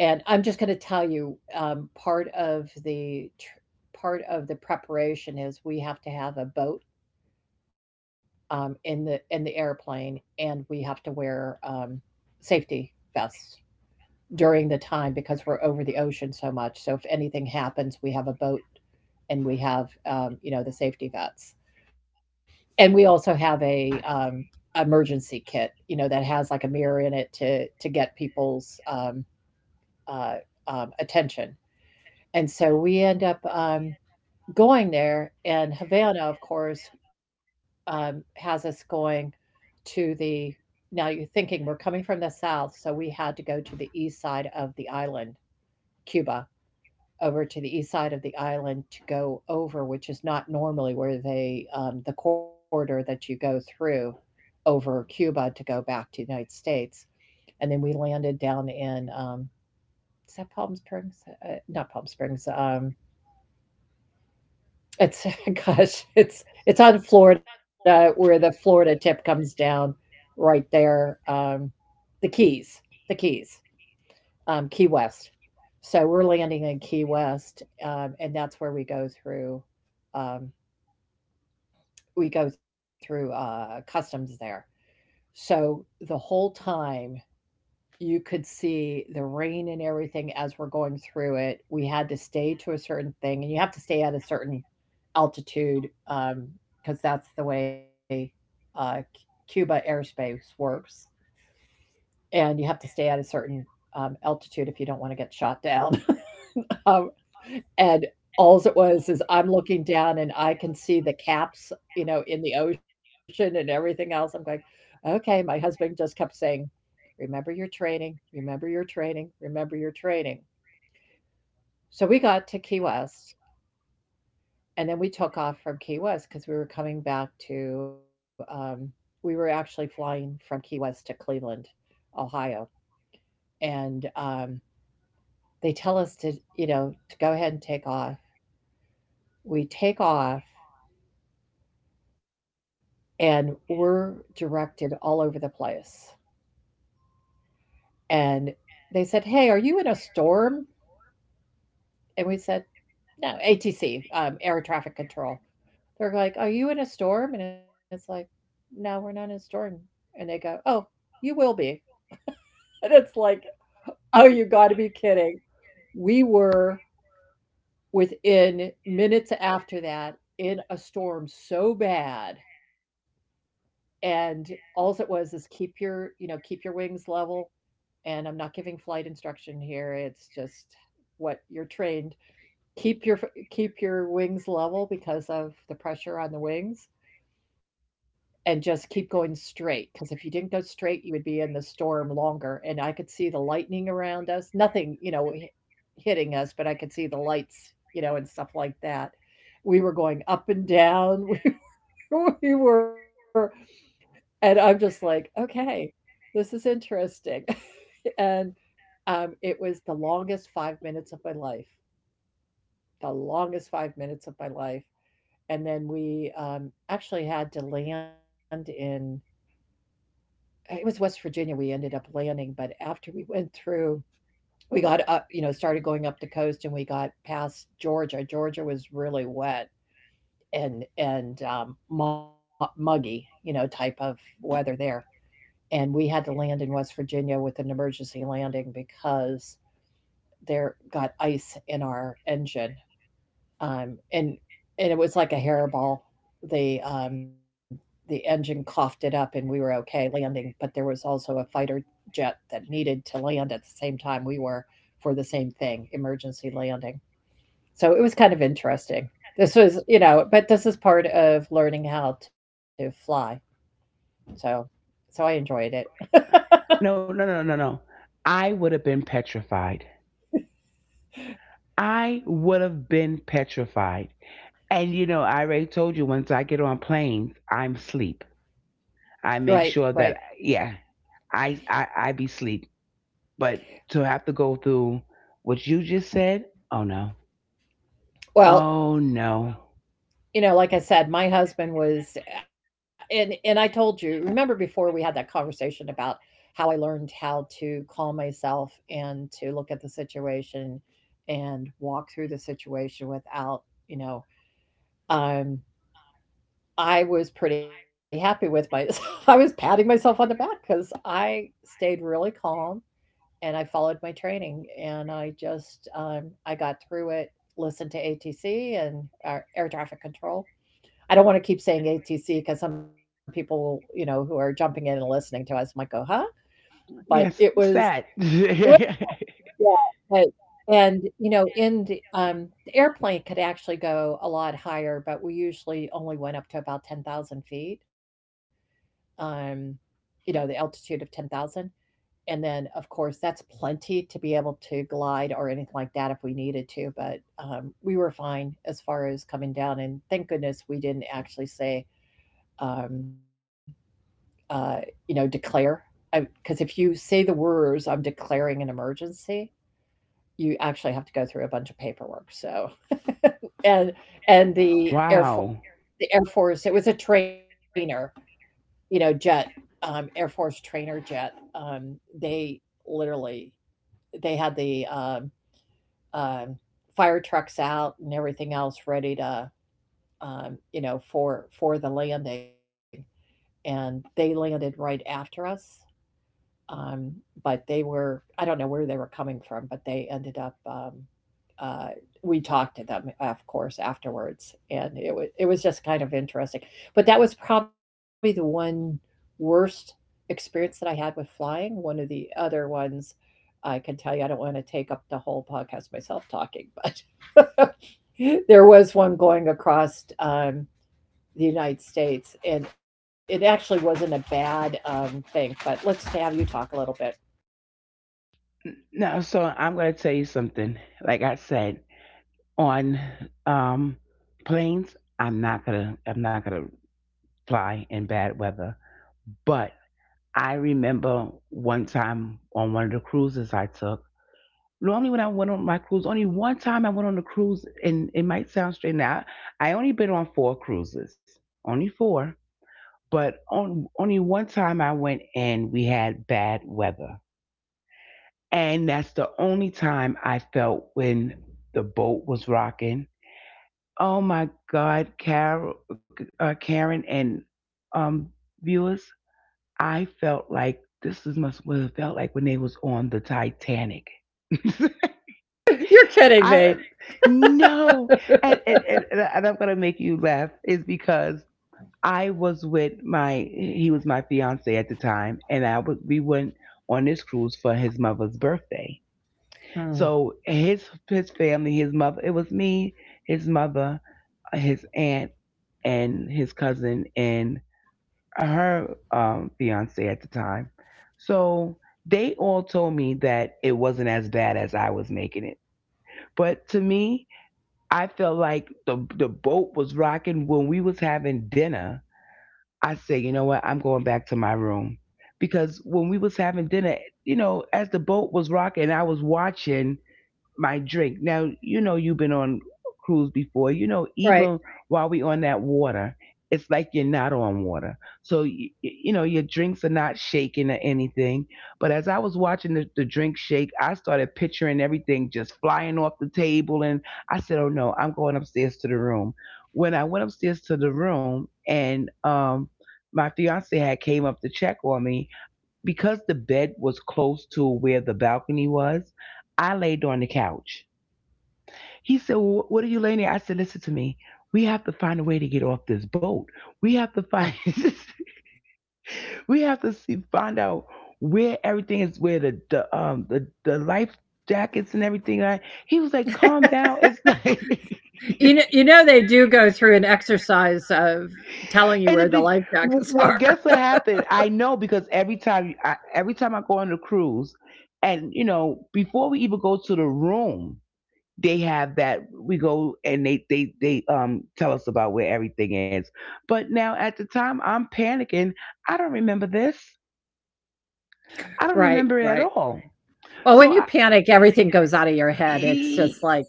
S1: And I'm just going to tell you, um, part of the tr- part of the preparation is we have to have a boat um, in the in the airplane, and we have to wear um, safety vests during the time because we're over the ocean so much. So if anything happens, we have a boat, and we have um, you know, the safety vests, and we also have a, um, emergency kit, you know, that has like a mirror in it to to get people's um, uh, um, attention. And so we end up um, going there, and Havana, of course, um, has us going to the. Now you're thinking we're coming from the south, so we had to go to the east side of the island, Cuba, over to the east side of the island to go over, which is not normally where they, um, the corridor that you go through over Cuba to go back to the United States. And then we landed down in, um, is that Palm Springs? Uh, not Palm Springs. Um, it's, gosh, it's, it's on Florida where the Florida tip comes down right there. Um, the Keys, the Keys. um, Key West. So we're landing in Key West, um, and that's where we go through. Um, we go through uh, customs there. So the whole time you could see the rain and everything as we're going through it. We had to stay to a certain thing, and you have to stay at a certain altitude um, because that's the way uh, Cuba airspace works. And you have to stay at a certain um, altitude if you don't want to get shot down. um, And alls it was is I'm looking down and I can see the caps, you know, in the ocean and everything else. I'm going, "Okay." My husband just kept saying, "Remember your training. Remember your training. Remember your training." So we got to Key West, and then we took off from Key West because we were coming back to, um, we were actually flying from Key West to Cleveland, Ohio. And um, they tell us to, you know, to go ahead and take off. We take off and we're directed all over the place. And they said, "Hey, are you in a storm?" And we said, "No," A T C, um, air traffic control. They're like, "Are you in a storm?" And it's like, "No, we're not in a storm." And they go, "Oh, you will be." And it's like, "Oh, you got to be kidding." We were within minutes after that in a storm so bad. And all it was is keep your, you know, keep your wings level, and I'm not giving flight instruction here. It's just what you're trained. Keep your Keep your wings level because of the pressure on the wings, and just keep going straight because if you didn't go straight, you would be in the storm longer, and I could see the lightning around us. Nothing, you know, hitting us, but I could see the lights, you know, and stuff like that. We were going up and down. We, we were and I'm just like, "Okay, this is interesting." and um, It was the longest five minutes of my life, the longest five minutes of my life, and then we, um, actually had to land in it was West Virginia we ended up landing, but after we went through we got up, you know, started going up the coast and we got past Georgia. Georgia was really wet and and, um, mu muggy, you know, type of weather there, and we had to land in West Virginia with an emergency landing because there got ice in our engine. Um, and and it was like a hairball. The um, the engine coughed it up, and we were okay landing. But there was also a fighter jet that needed to land at the same time we were for the same thing, emergency landing. So it was kind of interesting. This was, you know, but this is part of learning how to fly. So so I enjoyed it.
S2: no, no, no, no. I would have been petrified. I would have been petrified. And you know, I already told you once I get on planes, I'm sleep.
S1: Right,
S2: I make
S1: right.
S2: sure that yeah, I I I be sleep. But to have to go through what you just said, oh no,
S1: Well,
S2: oh no.
S1: you know, like I said, my husband was eh, and and I told you, remember before we had that conversation about how I learned how to calm myself and to look at the situation and walk through the situation without, you know, um I was pretty happy with my I was patting myself on the back cuz I stayed really calm, and I followed my training, and I just um I got through it, listened to A T C and our air traffic control. I don't want to keep saying A T C because some people, you know, who are jumping in and listening to us might go, "Huh?" But it
S2: Yes, what's
S1: was,
S2: that?
S1: it was yeah. but- and, you know, in the, um, the airplane could actually go a lot higher, but we usually only went up to about ten thousand feet, um, you know, the altitude of ten thousand. And then, of course, that's plenty to be able to glide or anything like that if we needed to. But um, we were fine as far as coming down. And thank goodness we didn't actually say, um, uh, you know, declare. Because if you say the words, "I'm declaring an emergency," you actually have to go through a bunch of paperwork. So, and and the Air Force,
S2: Wow.
S1: the Air Force, it was a trainer, you know, jet, um, Air Force trainer jet. Um, they literally they had the um, um, fire trucks out and everything else ready to, um, you know, for for the landing, and they landed right after us. um, but they were, I don't know where they were coming from, but they ended up um, uh, we talked to them, of course, afterwards, and it was it was just kind of interesting. But that was probably the one worst experience that I had with flying. One of the other ones I can tell you I don't want to take up the whole podcast myself talking, but there was one going across um, the United States, and it actually wasn't a bad um, thing, but let's have you talk a little bit.
S2: No, so I'm gonna tell you something. Like I said, on um planes, I'm not gonna I'm not gonna fly in bad weather. But I remember one time on one of the cruises I took. Normally, when I went on my cruise, only one time I went on a cruise, and it might sound strange now. I only been on four cruises, only four, but on, only one time I went and we had bad weather. And that's the only time I felt when the boat was rocking. Oh my God, Carol, uh, Karen and um, viewers, I felt like this is must what it felt like when they was on the Titanic.
S1: You're kidding me.
S2: I no, and and, and, and I'm gonna make you laugh is because I was with my he was my fiance at the time, and I was we went on this cruise for his mother's birthday.
S1: Mm.
S2: So his his family, his mother, it was me, his mother, his aunt, and his cousin, and her um, fiance at the time. So they all told me that it wasn't as bad as I was making it, but to me I felt like the the boat was rocking when we was having dinner. I said, "You know what, I'm going back to my room" because when we was having dinner, you know, as the boat was rocking, I was watching my drink. Now, you know you've been on cruise before. You know,
S1: Right.
S2: even while we on that water, it's like you're not on water. So, you, you know, your drinks are not shaking or anything. But as I was watching the, the drink shake, I started picturing everything just flying off the table. And I said, "Oh, no, I'm going upstairs to the room." When I went upstairs to the room and um, my fiance had came up to check on me, because the bed was close to where the balcony was, I laid on the couch. He said, "Well, what are you laying there?" I said, "Listen to me. We have to find a way to get off this boat. We have to find." We have to see, find out where everything is. Where the the um the the life jackets and everything are. He was like, "Calm down. It's not." And
S1: You know, you know they do go through an exercise of telling you
S2: it
S1: where the
S2: be
S1: life jackets
S2: well.
S1: are.
S2: Guess what happened? I know because every time I, every time I go on the cruise, and you know before we even go to the room, they have that we go and they they they um tell us about where everything is, but now at the time I'm panicking. I don't remember this. I don't
S1: Right,
S2: remember it at
S1: right.
S2: all.
S1: Well, when
S2: so
S1: you
S2: i
S1: panic, everything goes out of your head. It's just
S2: E-
S1: like,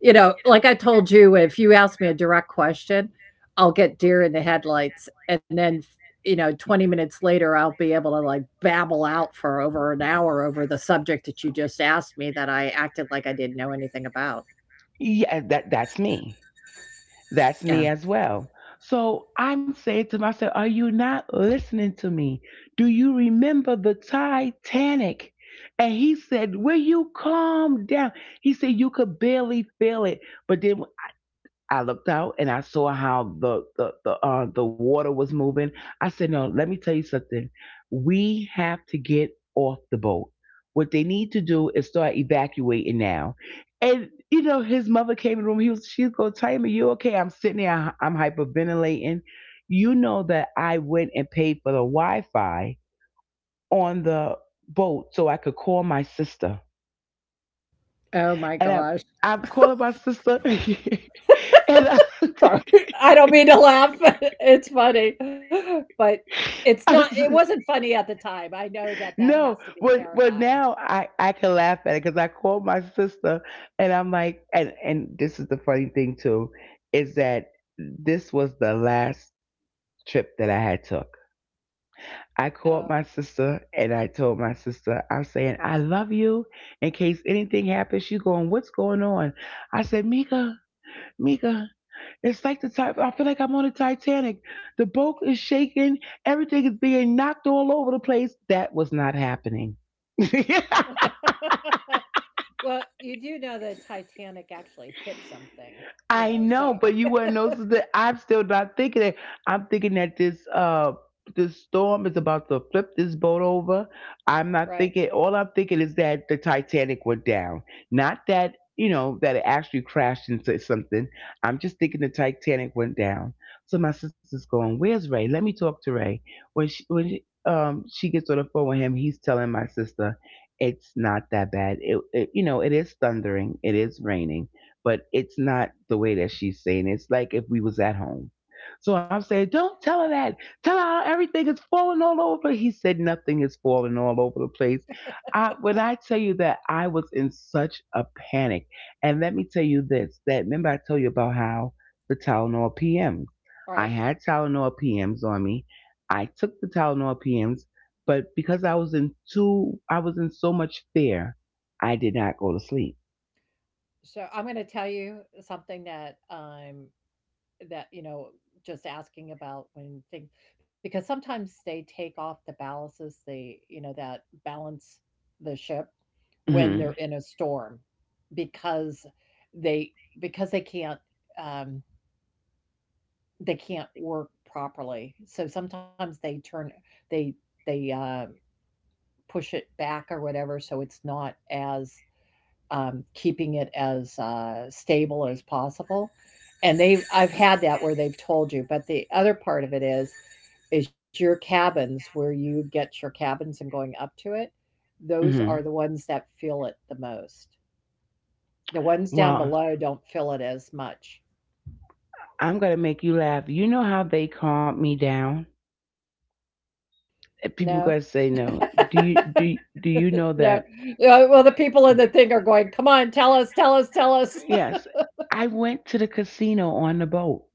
S1: you know, like I told you, if you ask me a direct question, I'll get deer in the headlights and then, you know, twenty minutes later I'll be able to like babble out for over an hour over the subject that you just asked me that I acted like I didn't know anything about.
S2: yeah, that that's me. That's
S1: Yeah.
S2: me as well. So I'm saying to myself, "Are you not listening to me? Do you remember the Titanic?" And he said, "Will you calm down?" He said, "You could barely feel it." But then I looked out and I saw how the the the, uh, the water was moving. I said, "No, let me tell you something. We have to get off the boat. What they need to do is start evacuating now." And you know, his mother came in the room. He was, she's go, "Time, are you okay?" I'm sitting there. I- I'm hyperventilating. You know that I went and paid for the Wi-Fi on the boat so I could call my sister.
S1: Oh my
S2: And I'm
S1: gosh.
S2: I'm calling my sister, and I.
S1: Sorry, I don't mean to laugh, but it's funny. But it's not
S2: I
S1: it
S2: s-
S1: wasn't funny at the time. I know that that has
S2: no,
S1: to be
S2: but but
S1: terrifying.
S2: now I I can laugh at it because I called my sister and I'm like, and and this is the funny thing too, is that this was the last trip that I had took. I
S1: Oh.
S2: called my sister and I told my sister, "I'm saying I love you. In case anything happens," she going, "What's going on?" I said, "Mika, Mika. It's like the type. I feel like I'm on the Titanic." The boat is shaking. Everything is being knocked all over the place. That was not happening.
S1: Well, you do know the Titanic actually hit something, you know,
S2: I
S1: so
S2: know, but you wouldn't know so that I'm still not thinking that. I'm thinking that this uh this storm is about to flip this boat over. I'm
S1: right.
S2: not thinking, all I'm thinking is that the Titanic went down. Not that, you know, that it actually crashed into something. I'm just thinking the Titanic went down. So my sister's going, where's Ray? Let me talk to Ray. When she when she, um she gets on the phone with him, he's telling my sister it's not that bad. It, it you know, it is thundering, it is raining, but it's not the way that she's saying it. It's like if we was at home. So I'm saying, don't tell her that. Tell her how everything is falling all over. He said nothing is falling all over the place. I, when I tell you that I was in such a panic, and let me tell you this: that remember I told you about how the Tylenol P Ms.
S1: All
S2: I
S1: right.
S2: had Tylenol P Ms on me. I took the Tylenol P Ms, but because I was in too, I was in so much fear, I did not go to sleep.
S1: So I'm gonna tell you something that, um that you know, just asking about when things, because sometimes they take off the balances, the you know that balance the ship when they're
S2: hmm
S1: in a storm because they because they can't, um, they can't work properly, so sometimes they turn, they they uh, push it back or whatever, so it's not as, um, keeping it as, uh, stable as possible. And they, I've had that where they've told you, but the other part of it is, is your cabins, where you get your cabins and going up to it. Those are
S2: hmm
S1: the ones that feel it the most. The ones down
S2: Well,
S1: below don't feel it as much.
S2: I'm gonna make you laugh. You know how they calmed me down? And people
S1: No,
S2: gonna say no. Do you do do you know
S1: no.
S2: that?
S1: Yeah, well, the people in the thing are going, come on, tell us, tell us, tell us.
S2: Yes, I went to the casino on the boat.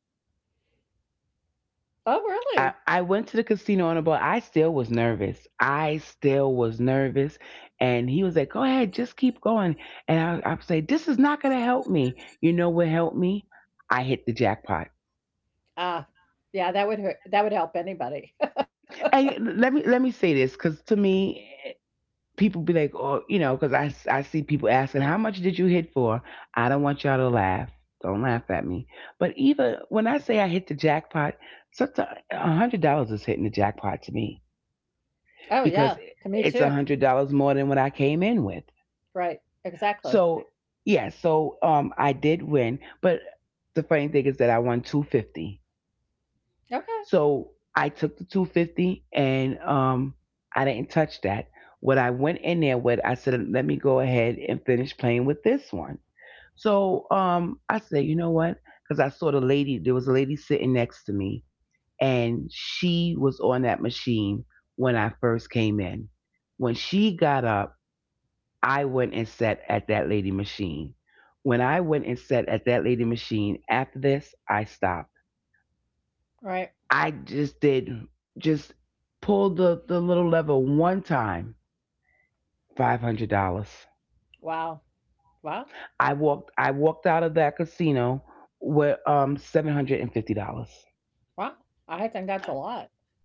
S1: Oh,
S2: I,
S1: really?
S2: I went to the casino on the boat. I still was nervous. I still was nervous. And he was like, go ahead, just keep going. And I, I would say, this is not going to help me. You know what helped me? I hit the jackpot.
S1: Ah, yeah, that would, hurt- that would help anybody.
S2: And let me let me say this because to me, people be like, oh, you know, because I I see people asking, how much did you hit for? I don't want y'all to laugh. Don't laugh at me. But even when I say I hit the jackpot, sometimes one hundred dollars is hitting the jackpot to me,
S1: Oh yeah,
S2: because
S1: to me
S2: it's
S1: too.
S2: one hundred dollars more than what I came in with.
S1: Right, exactly.
S2: So, yeah, so um, I did win. But the funny thing is that I won two fifty.
S1: Okay.
S2: So I took the two fifty and um, I didn't touch that. What I went in there with, I said, let me go ahead and finish playing with this one. So um, I said, you know what? Because I saw the lady, there was a lady sitting next to me, and she was on that machine when I first came in. When she got up, I went and sat at that lady machine. When I went and sat at that lady machine, after this, I stopped.
S1: Right.
S2: I just did, just pulled the, the little lever one time, five hundred dollars.
S1: Wow. Wow.
S2: I walked I walked out of that casino with um seven hundred and fifty dollars.
S1: Wow. I think that's a lot.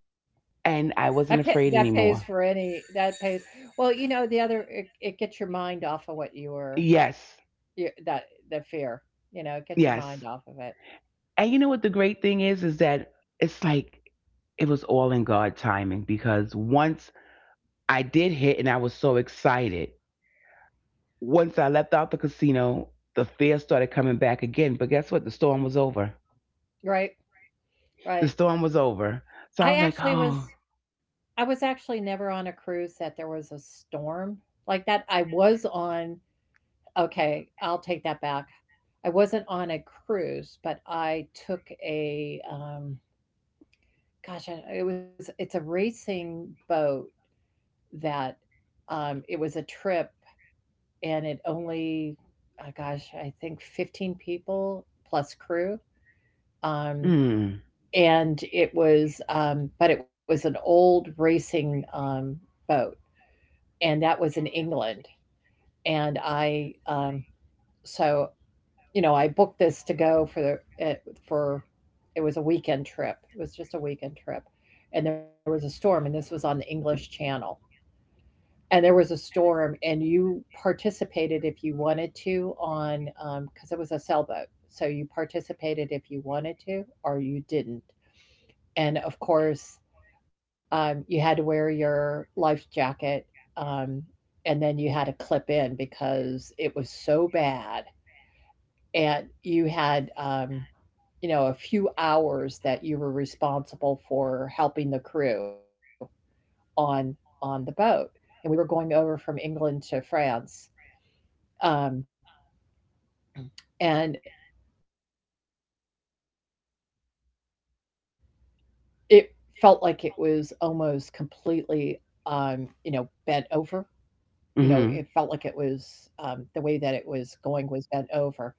S2: And I wasn't
S1: That pay,
S2: afraid
S1: that pays
S2: anymore.
S1: for any that pays. Well, you know, the other it, it gets your mind off of what you were
S2: Yes.
S1: you, that the fear. You know, it gets
S2: Yes.
S1: your mind off of it.
S2: And you know what the great thing is is that it's like it was all in God timing, because once I did hit and I was so excited, once I left out the casino, the fear started coming back again. But guess what? The storm was over.
S1: Right.
S2: The storm
S1: Right.
S2: was over. So I was like,
S1: I
S2: oh.
S1: actually was I was actually never on a cruise that there was a storm like that. I was on, okay, I'll take that back. I wasn't on a cruise, but I took a um gosh, I it was it's a racing boat that, um, it was a trip, and it only, oh gosh, I think fifteen people plus crew, um,
S2: Mm.
S1: and it was, um but it was an old racing, um, boat, and that was in England, and I, um so, you know, I booked this to go for the eh, for, it was a weekend trip. It was just a weekend trip, and there was a storm, and this was on the English Channel. And there was a storm, and you participated if you wanted to on, um because it was a sailboat, so you participated if you wanted to or you didn't. And of course, um you had to wear your life jacket, um and then you had to clip in because it was so bad, and you had, um you know, a few hours that you were responsible for helping the crew on on the boat. And we were going over from England to France. Um, and it felt like it was almost completely, um, you know, bent over. You know, it felt like it was, um, the way that
S2: Mm-hmm.
S1: it was going was bent over. So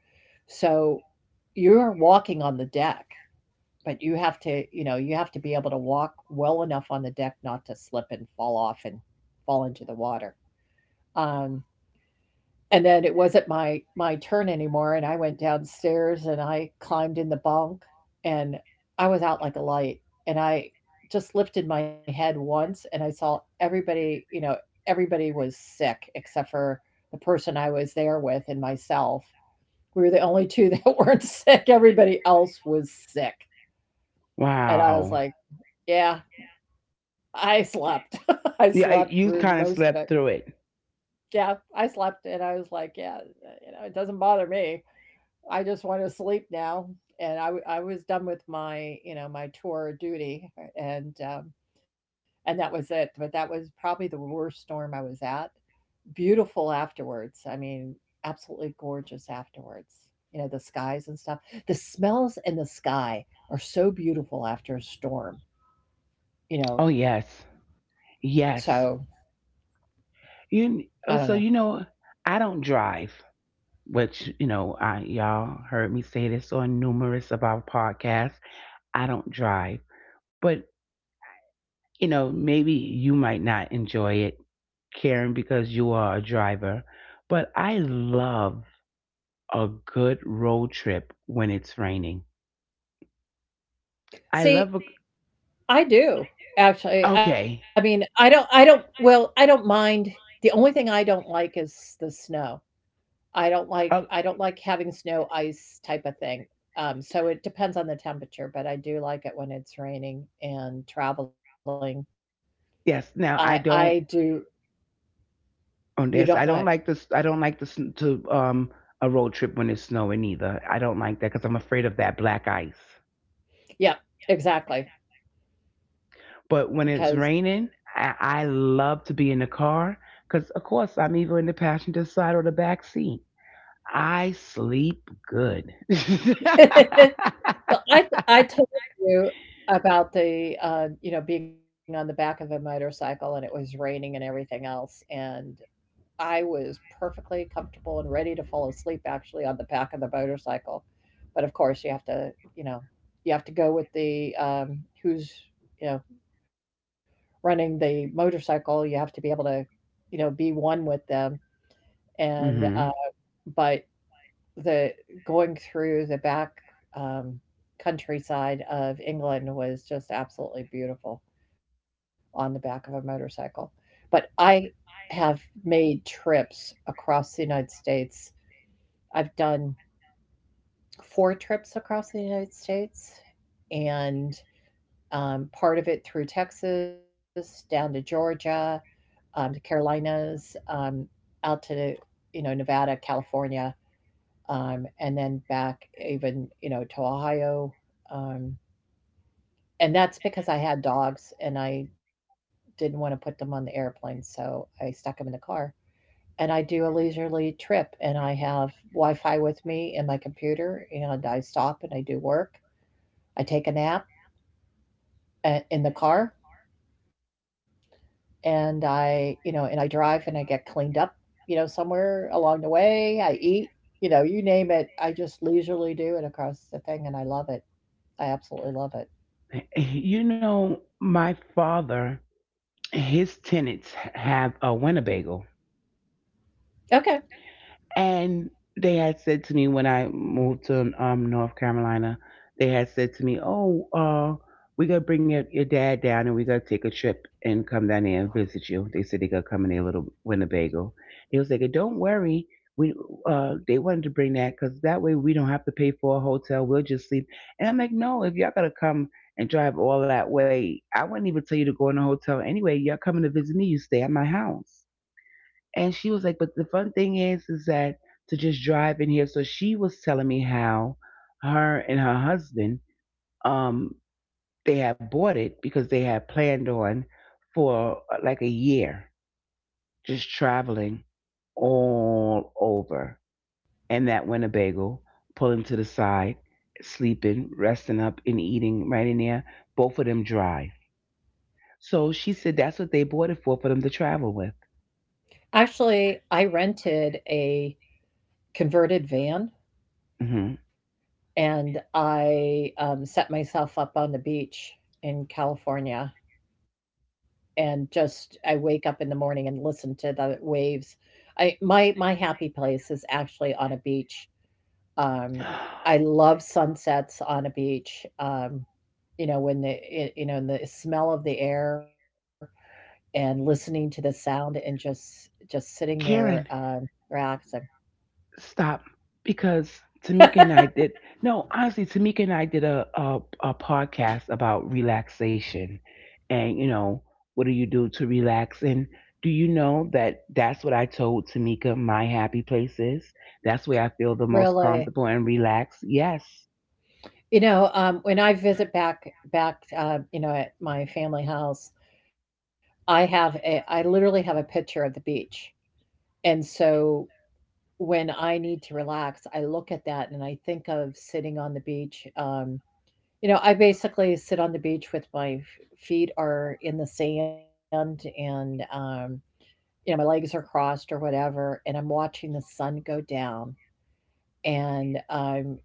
S1: you're walking on the deck, but you have to, you know, you have to be able to walk well enough on the deck not to slip and fall off and fall into the water. Um, And then it wasn't my my turn anymore, and I went downstairs and I climbed in the bunk and I was out like a light. And I just lifted my head once and I saw everybody, you know, everybody was sick except for the person I was there with and myself. We were the only two that weren't sick. Everybody else was sick. And I
S2: Wow.
S1: was like, yeah, I slept. I
S2: Yeah, I,
S1: slept
S2: you
S1: through
S2: kind of
S1: most of
S2: slept
S1: it.
S2: through it.
S1: Yeah, I slept and I was like, yeah, you know, it doesn't bother me. I just want to sleep now. And I, w- I was done with my, you know, my tour of duty, uh, and, um, and that was it. But that was probably the worst storm I was at. Beautiful afterwards. I mean, absolutely gorgeous afterwards. You know, the skies and stuff. The smells in the sky are so beautiful after a storm, you
S2: Oh,
S1: know.
S2: yes,
S1: So
S2: yes. You,
S1: I don't
S2: oh,
S1: know.
S2: so you know, I don't drive, which you know, I y'all heard me say this on numerous of our podcasts. I don't drive, but you know, maybe you might not enjoy it, Karen, because you are a driver. But I love a good road trip when it's raining. I
S1: See,
S2: love a—
S1: I do actually. I
S2: okay.
S1: mean, I don't, I don't, well, I don't mind. The only thing I don't like is the snow. I don't
S2: Oh
S1: like, I don't like having snow, ice type of thing. Um, so it depends on the temperature, but I do like it when it's raining and traveling. I
S2: yes.
S1: I
S2: Now I
S1: do.
S2: don't.
S1: You don't
S2: Oh
S1: want.
S2: yes. I don't like this. I don't like this to um a road trip when it's snowing either. I don't like that because I'm afraid of that black ice.
S1: Yeah, exactly.
S2: But
S1: Because
S2: when it's raining, I, I love to be in the car because of course I'm either in the passenger side or the back seat. I sleep good.
S1: well, I I told you about the, uh, you know, being on the back of a motorcycle and it was raining and everything else, and I was perfectly comfortable and ready to fall asleep actually on the back of the motorcycle. But of course, you have to, you know, you have to go with the, um, who's, you know, running the motorcycle. You have to be able to, you know, be one with them. And,
S2: Hmm.
S1: uh, but the going through the back, um, countryside of England was just absolutely beautiful on the back of a motorcycle. But I have made trips across the United States. I've done four trips across the United States, and um, part of it through Texas, down to Georgia, um, the Carolinas, um, out to, you know, Nevada, California, um, and then back even, you know, to Ohio, um, and that's because I had dogs and I didn't want to put them on the airplane, so I stuck them in the car. And I do a leisurely trip, and I have Wi-Fi with me in my computer, and I stop and I do work. I take a nap, uh, in the car, and I, you know, and I drive and I get cleaned up, you know, somewhere along the way. I eat, you know, you name it. I just leisurely do it across the thing, and I love it. I absolutely love it.
S2: You know, my father, his tenants have a Winnebago.
S1: Okay.
S2: And they had said to me when I moved to um, North Carolina, they had said to me, "Oh, uh, we're gonna bring your, your dad down and we're gonna take a trip and come down there and visit you." They said they're gonna come in their little Winnebago. They was like, "Don't worry." We, uh, they wanted to bring that because that way we don't have to pay for a hotel. We'll just sleep. And I'm like, no, if y'all gotta come and drive all that way, I wouldn't even tell you to go in a hotel anyway. Y'all coming to visit me, you stay at my house. And she was like, but the fun thing is, is that to just drive in here. So she was telling me how her and her husband, um, they had bought it because they had planned on, for uh, like a year, just traveling all over. And that Winnebago, pulling to the side, sleeping, resting up, and eating right in there. Both of them drive. So she said that's what they bought it for, for them to travel with.
S1: Actually, I rented a converted van
S2: Hmm.
S1: and I, um, set myself up on the beach in California, and just I wake up in the morning and listen to the waves. I, my my happy place is actually on a beach. Um, I love sunsets on a beach. Um, you know when the it, you know, and the smell of the air and listening to the sound and just just sitting there,
S2: Karen,
S1: um, relaxing.
S2: stop, because Tamika and I did, no honestly, Tamika and I did a, a a podcast about relaxation, and you know, what do you do to relax, and do you know that that's what I told Tamika, my happy place is, that's where I feel the most
S1: Really.
S2: comfortable and relaxed, yes.
S1: You know, um, when I visit back, back, uh, you know, at my family house, I have a I literally have a picture of the beach. And so when I need to relax, I look at that and I think of sitting on the beach. Um, you know, I basically sit on the beach with my f- feet are in the sand, and um, you know, my legs are crossed or whatever, and I'm watching the sun go down, and um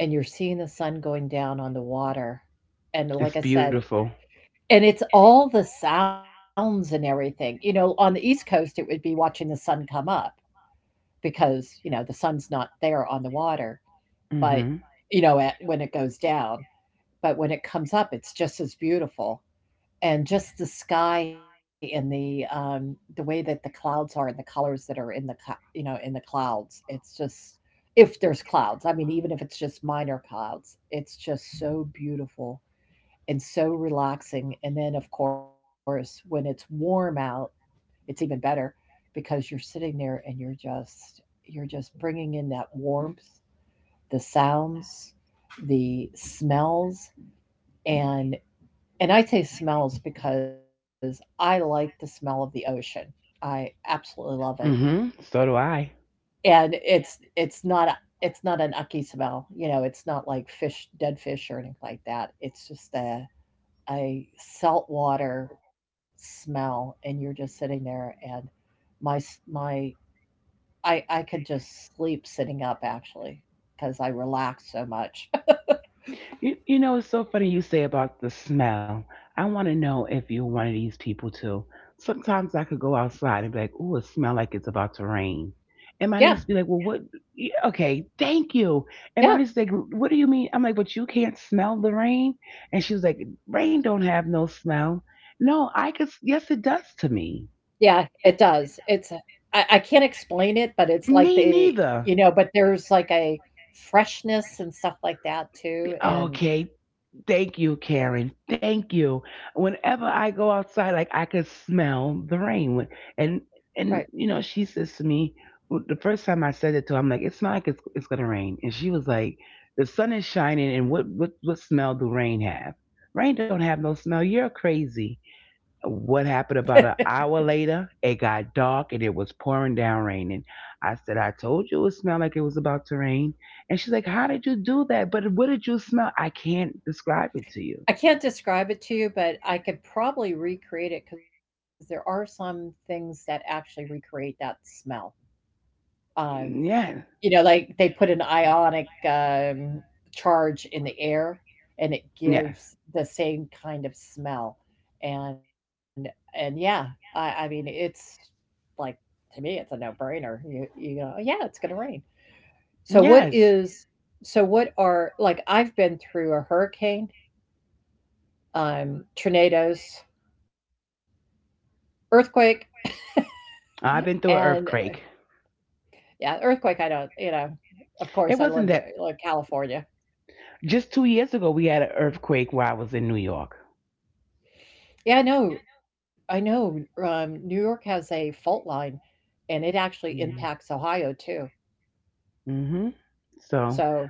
S1: and you're seeing the sun going down on the water. And like I
S2: It's
S1: said,
S2: beautiful.
S1: and it's all the sounds and everything. You know, on the East Coast it would be watching the sun come up because, you know, the sun's not there on the water, but
S2: Mhm.
S1: you know, at, when it goes down, but when it comes up it's just as beautiful. And just the sky and the, um, the way that the clouds are and the colors that are in the co- you know, in the clouds, it's just, if there's clouds, I mean, even if it's just minor clouds, it's just so beautiful and so relaxing. And then of course, when it's warm out, it's even better because you're sitting there and you're just you're just bringing in that warmth, the sounds, the smells, and and I say smells because I like the smell of the ocean. I absolutely love it.
S2: Mhm, so do I.
S1: And it's it's not a, it's not an icky smell, you know, it's not like fish, dead fish or anything like that. It's just a a saltwater smell, and you're just sitting there, and my s- my I I could just sleep sitting up actually because I relax so much.
S2: You, you know, it's so funny you say about the smell. I want to know if you're one of these people too. Sometimes I could go outside and be like, "Ooh, it smell like it's about to rain," and my
S1: Yeah.
S2: niece be like, "Well, what? Yeah, okay, thank you." And my
S1: Yeah.
S2: niece like, "What do you mean?" I'm like, "But you can't smell the rain," and she was like, "Rain don't have no smell." No, I could. Yes, it does to me.
S1: Yeah, it
S2: Eh,
S1: does. It's a, I I can't explain it, but it's like
S2: me
S1: the you know,
S2: neither.
S1: but there's like a freshness and stuff like that too, and
S2: Okay, thank you, Karen. Thank you. Whenever I go outside, like I could smell the rain. And
S1: right.
S2: and you know, she says to me, well, the first time I said it to her, I'm like, it's not like it's it's gonna rain. And she was like, the sun is shining, and what what what smell do rain have? Rain don't have no smell. You're crazy. What happened, about an hour later, it got dark and it was pouring down rain. And I said, I told you it smelled like it was about to rain. And she's like, how did you do that? But what did you smell? I can't describe it to you.
S1: I can't describe it to you, but I could probably recreate it because there are some things that actually recreate that smell. Um,
S2: Yes,
S1: you know, like they put an ionic, um, charge in the air, and it
S2: yes,
S1: gives the same kind of smell, and and yeah, I I mean, it's like, to me it's a no-brainer. you you know, yeah, it's going to rain. so what
S2: yes.
S1: is so what are, like, I've been through a hurricane, um tornadoes, earthquake,
S2: I've been through
S1: and,
S2: an
S1: uh,
S2: earthquake.
S1: yeah, earthquake, I don't, you know, of
S2: It
S1: course I
S2: wasn't
S1: lived
S2: that.
S1: in, like, California.
S2: Just two years ago, we had an earthquake while I was in New York.
S1: Yeah, I know, I know, um New York has a fault line, and it actually impacts Ohio too.
S2: Mm-hmm. So,
S1: So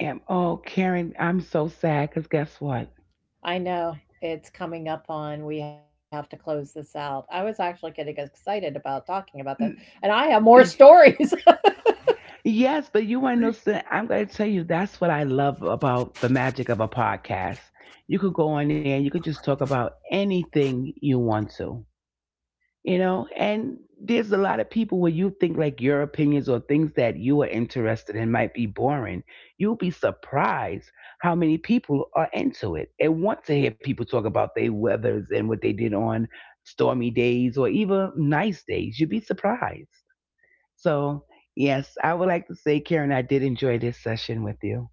S2: and, oh, Karen, I'm so sad because guess what?
S1: I know. It's coming up on, we have to close this out. I was actually getting excited about talking about this,
S2: More
S1: and I have more stories.
S2: stories. Yes, but you want to know, I'm going to tell you, that's what I love about the magic of a podcast. You could go on there and you could just talk about anything you want to, you know? And there's a lot of people where you think like your opinions or things that you are interested in might be boring. You'll be surprised how many people are into it and want to hear people talk about their weathers and what they did on stormy days or even nice days. You'd be surprised. So, yes, I would like to say, Karen, I did enjoy this session with you.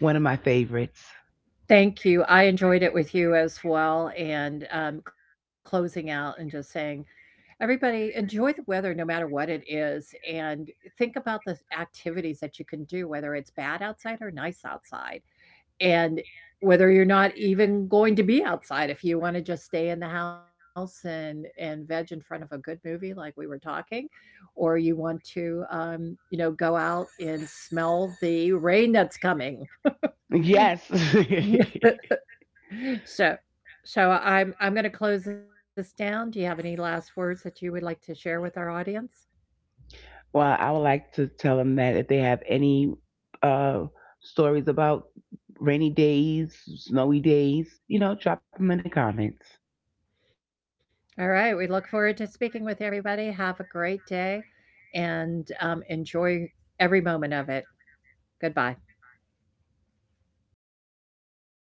S2: One of my favorites.
S1: Thank you. I enjoyed it with you as well. And um, closing out and just saying, everybody, enjoy the weather no matter what it is. And think about the activities that you can do, whether it's bad outside or nice outside. And whether you're not even going to be outside, if you want to just stay in the house and and veg in front of a good movie like we were talking, or you want to, um you know, go out and smell the rain that's coming.
S2: Yes.
S1: so so i'm i'm going to close this down. Do you have any last words that you would like to share with our audience?
S2: Well, I would like to tell them that if they have any uh, stories about rainy days, snowy days, you know, drop them in the comments.
S1: All right, we look forward to speaking with everybody. Have a great day, and um, enjoy every moment of it. Goodbye.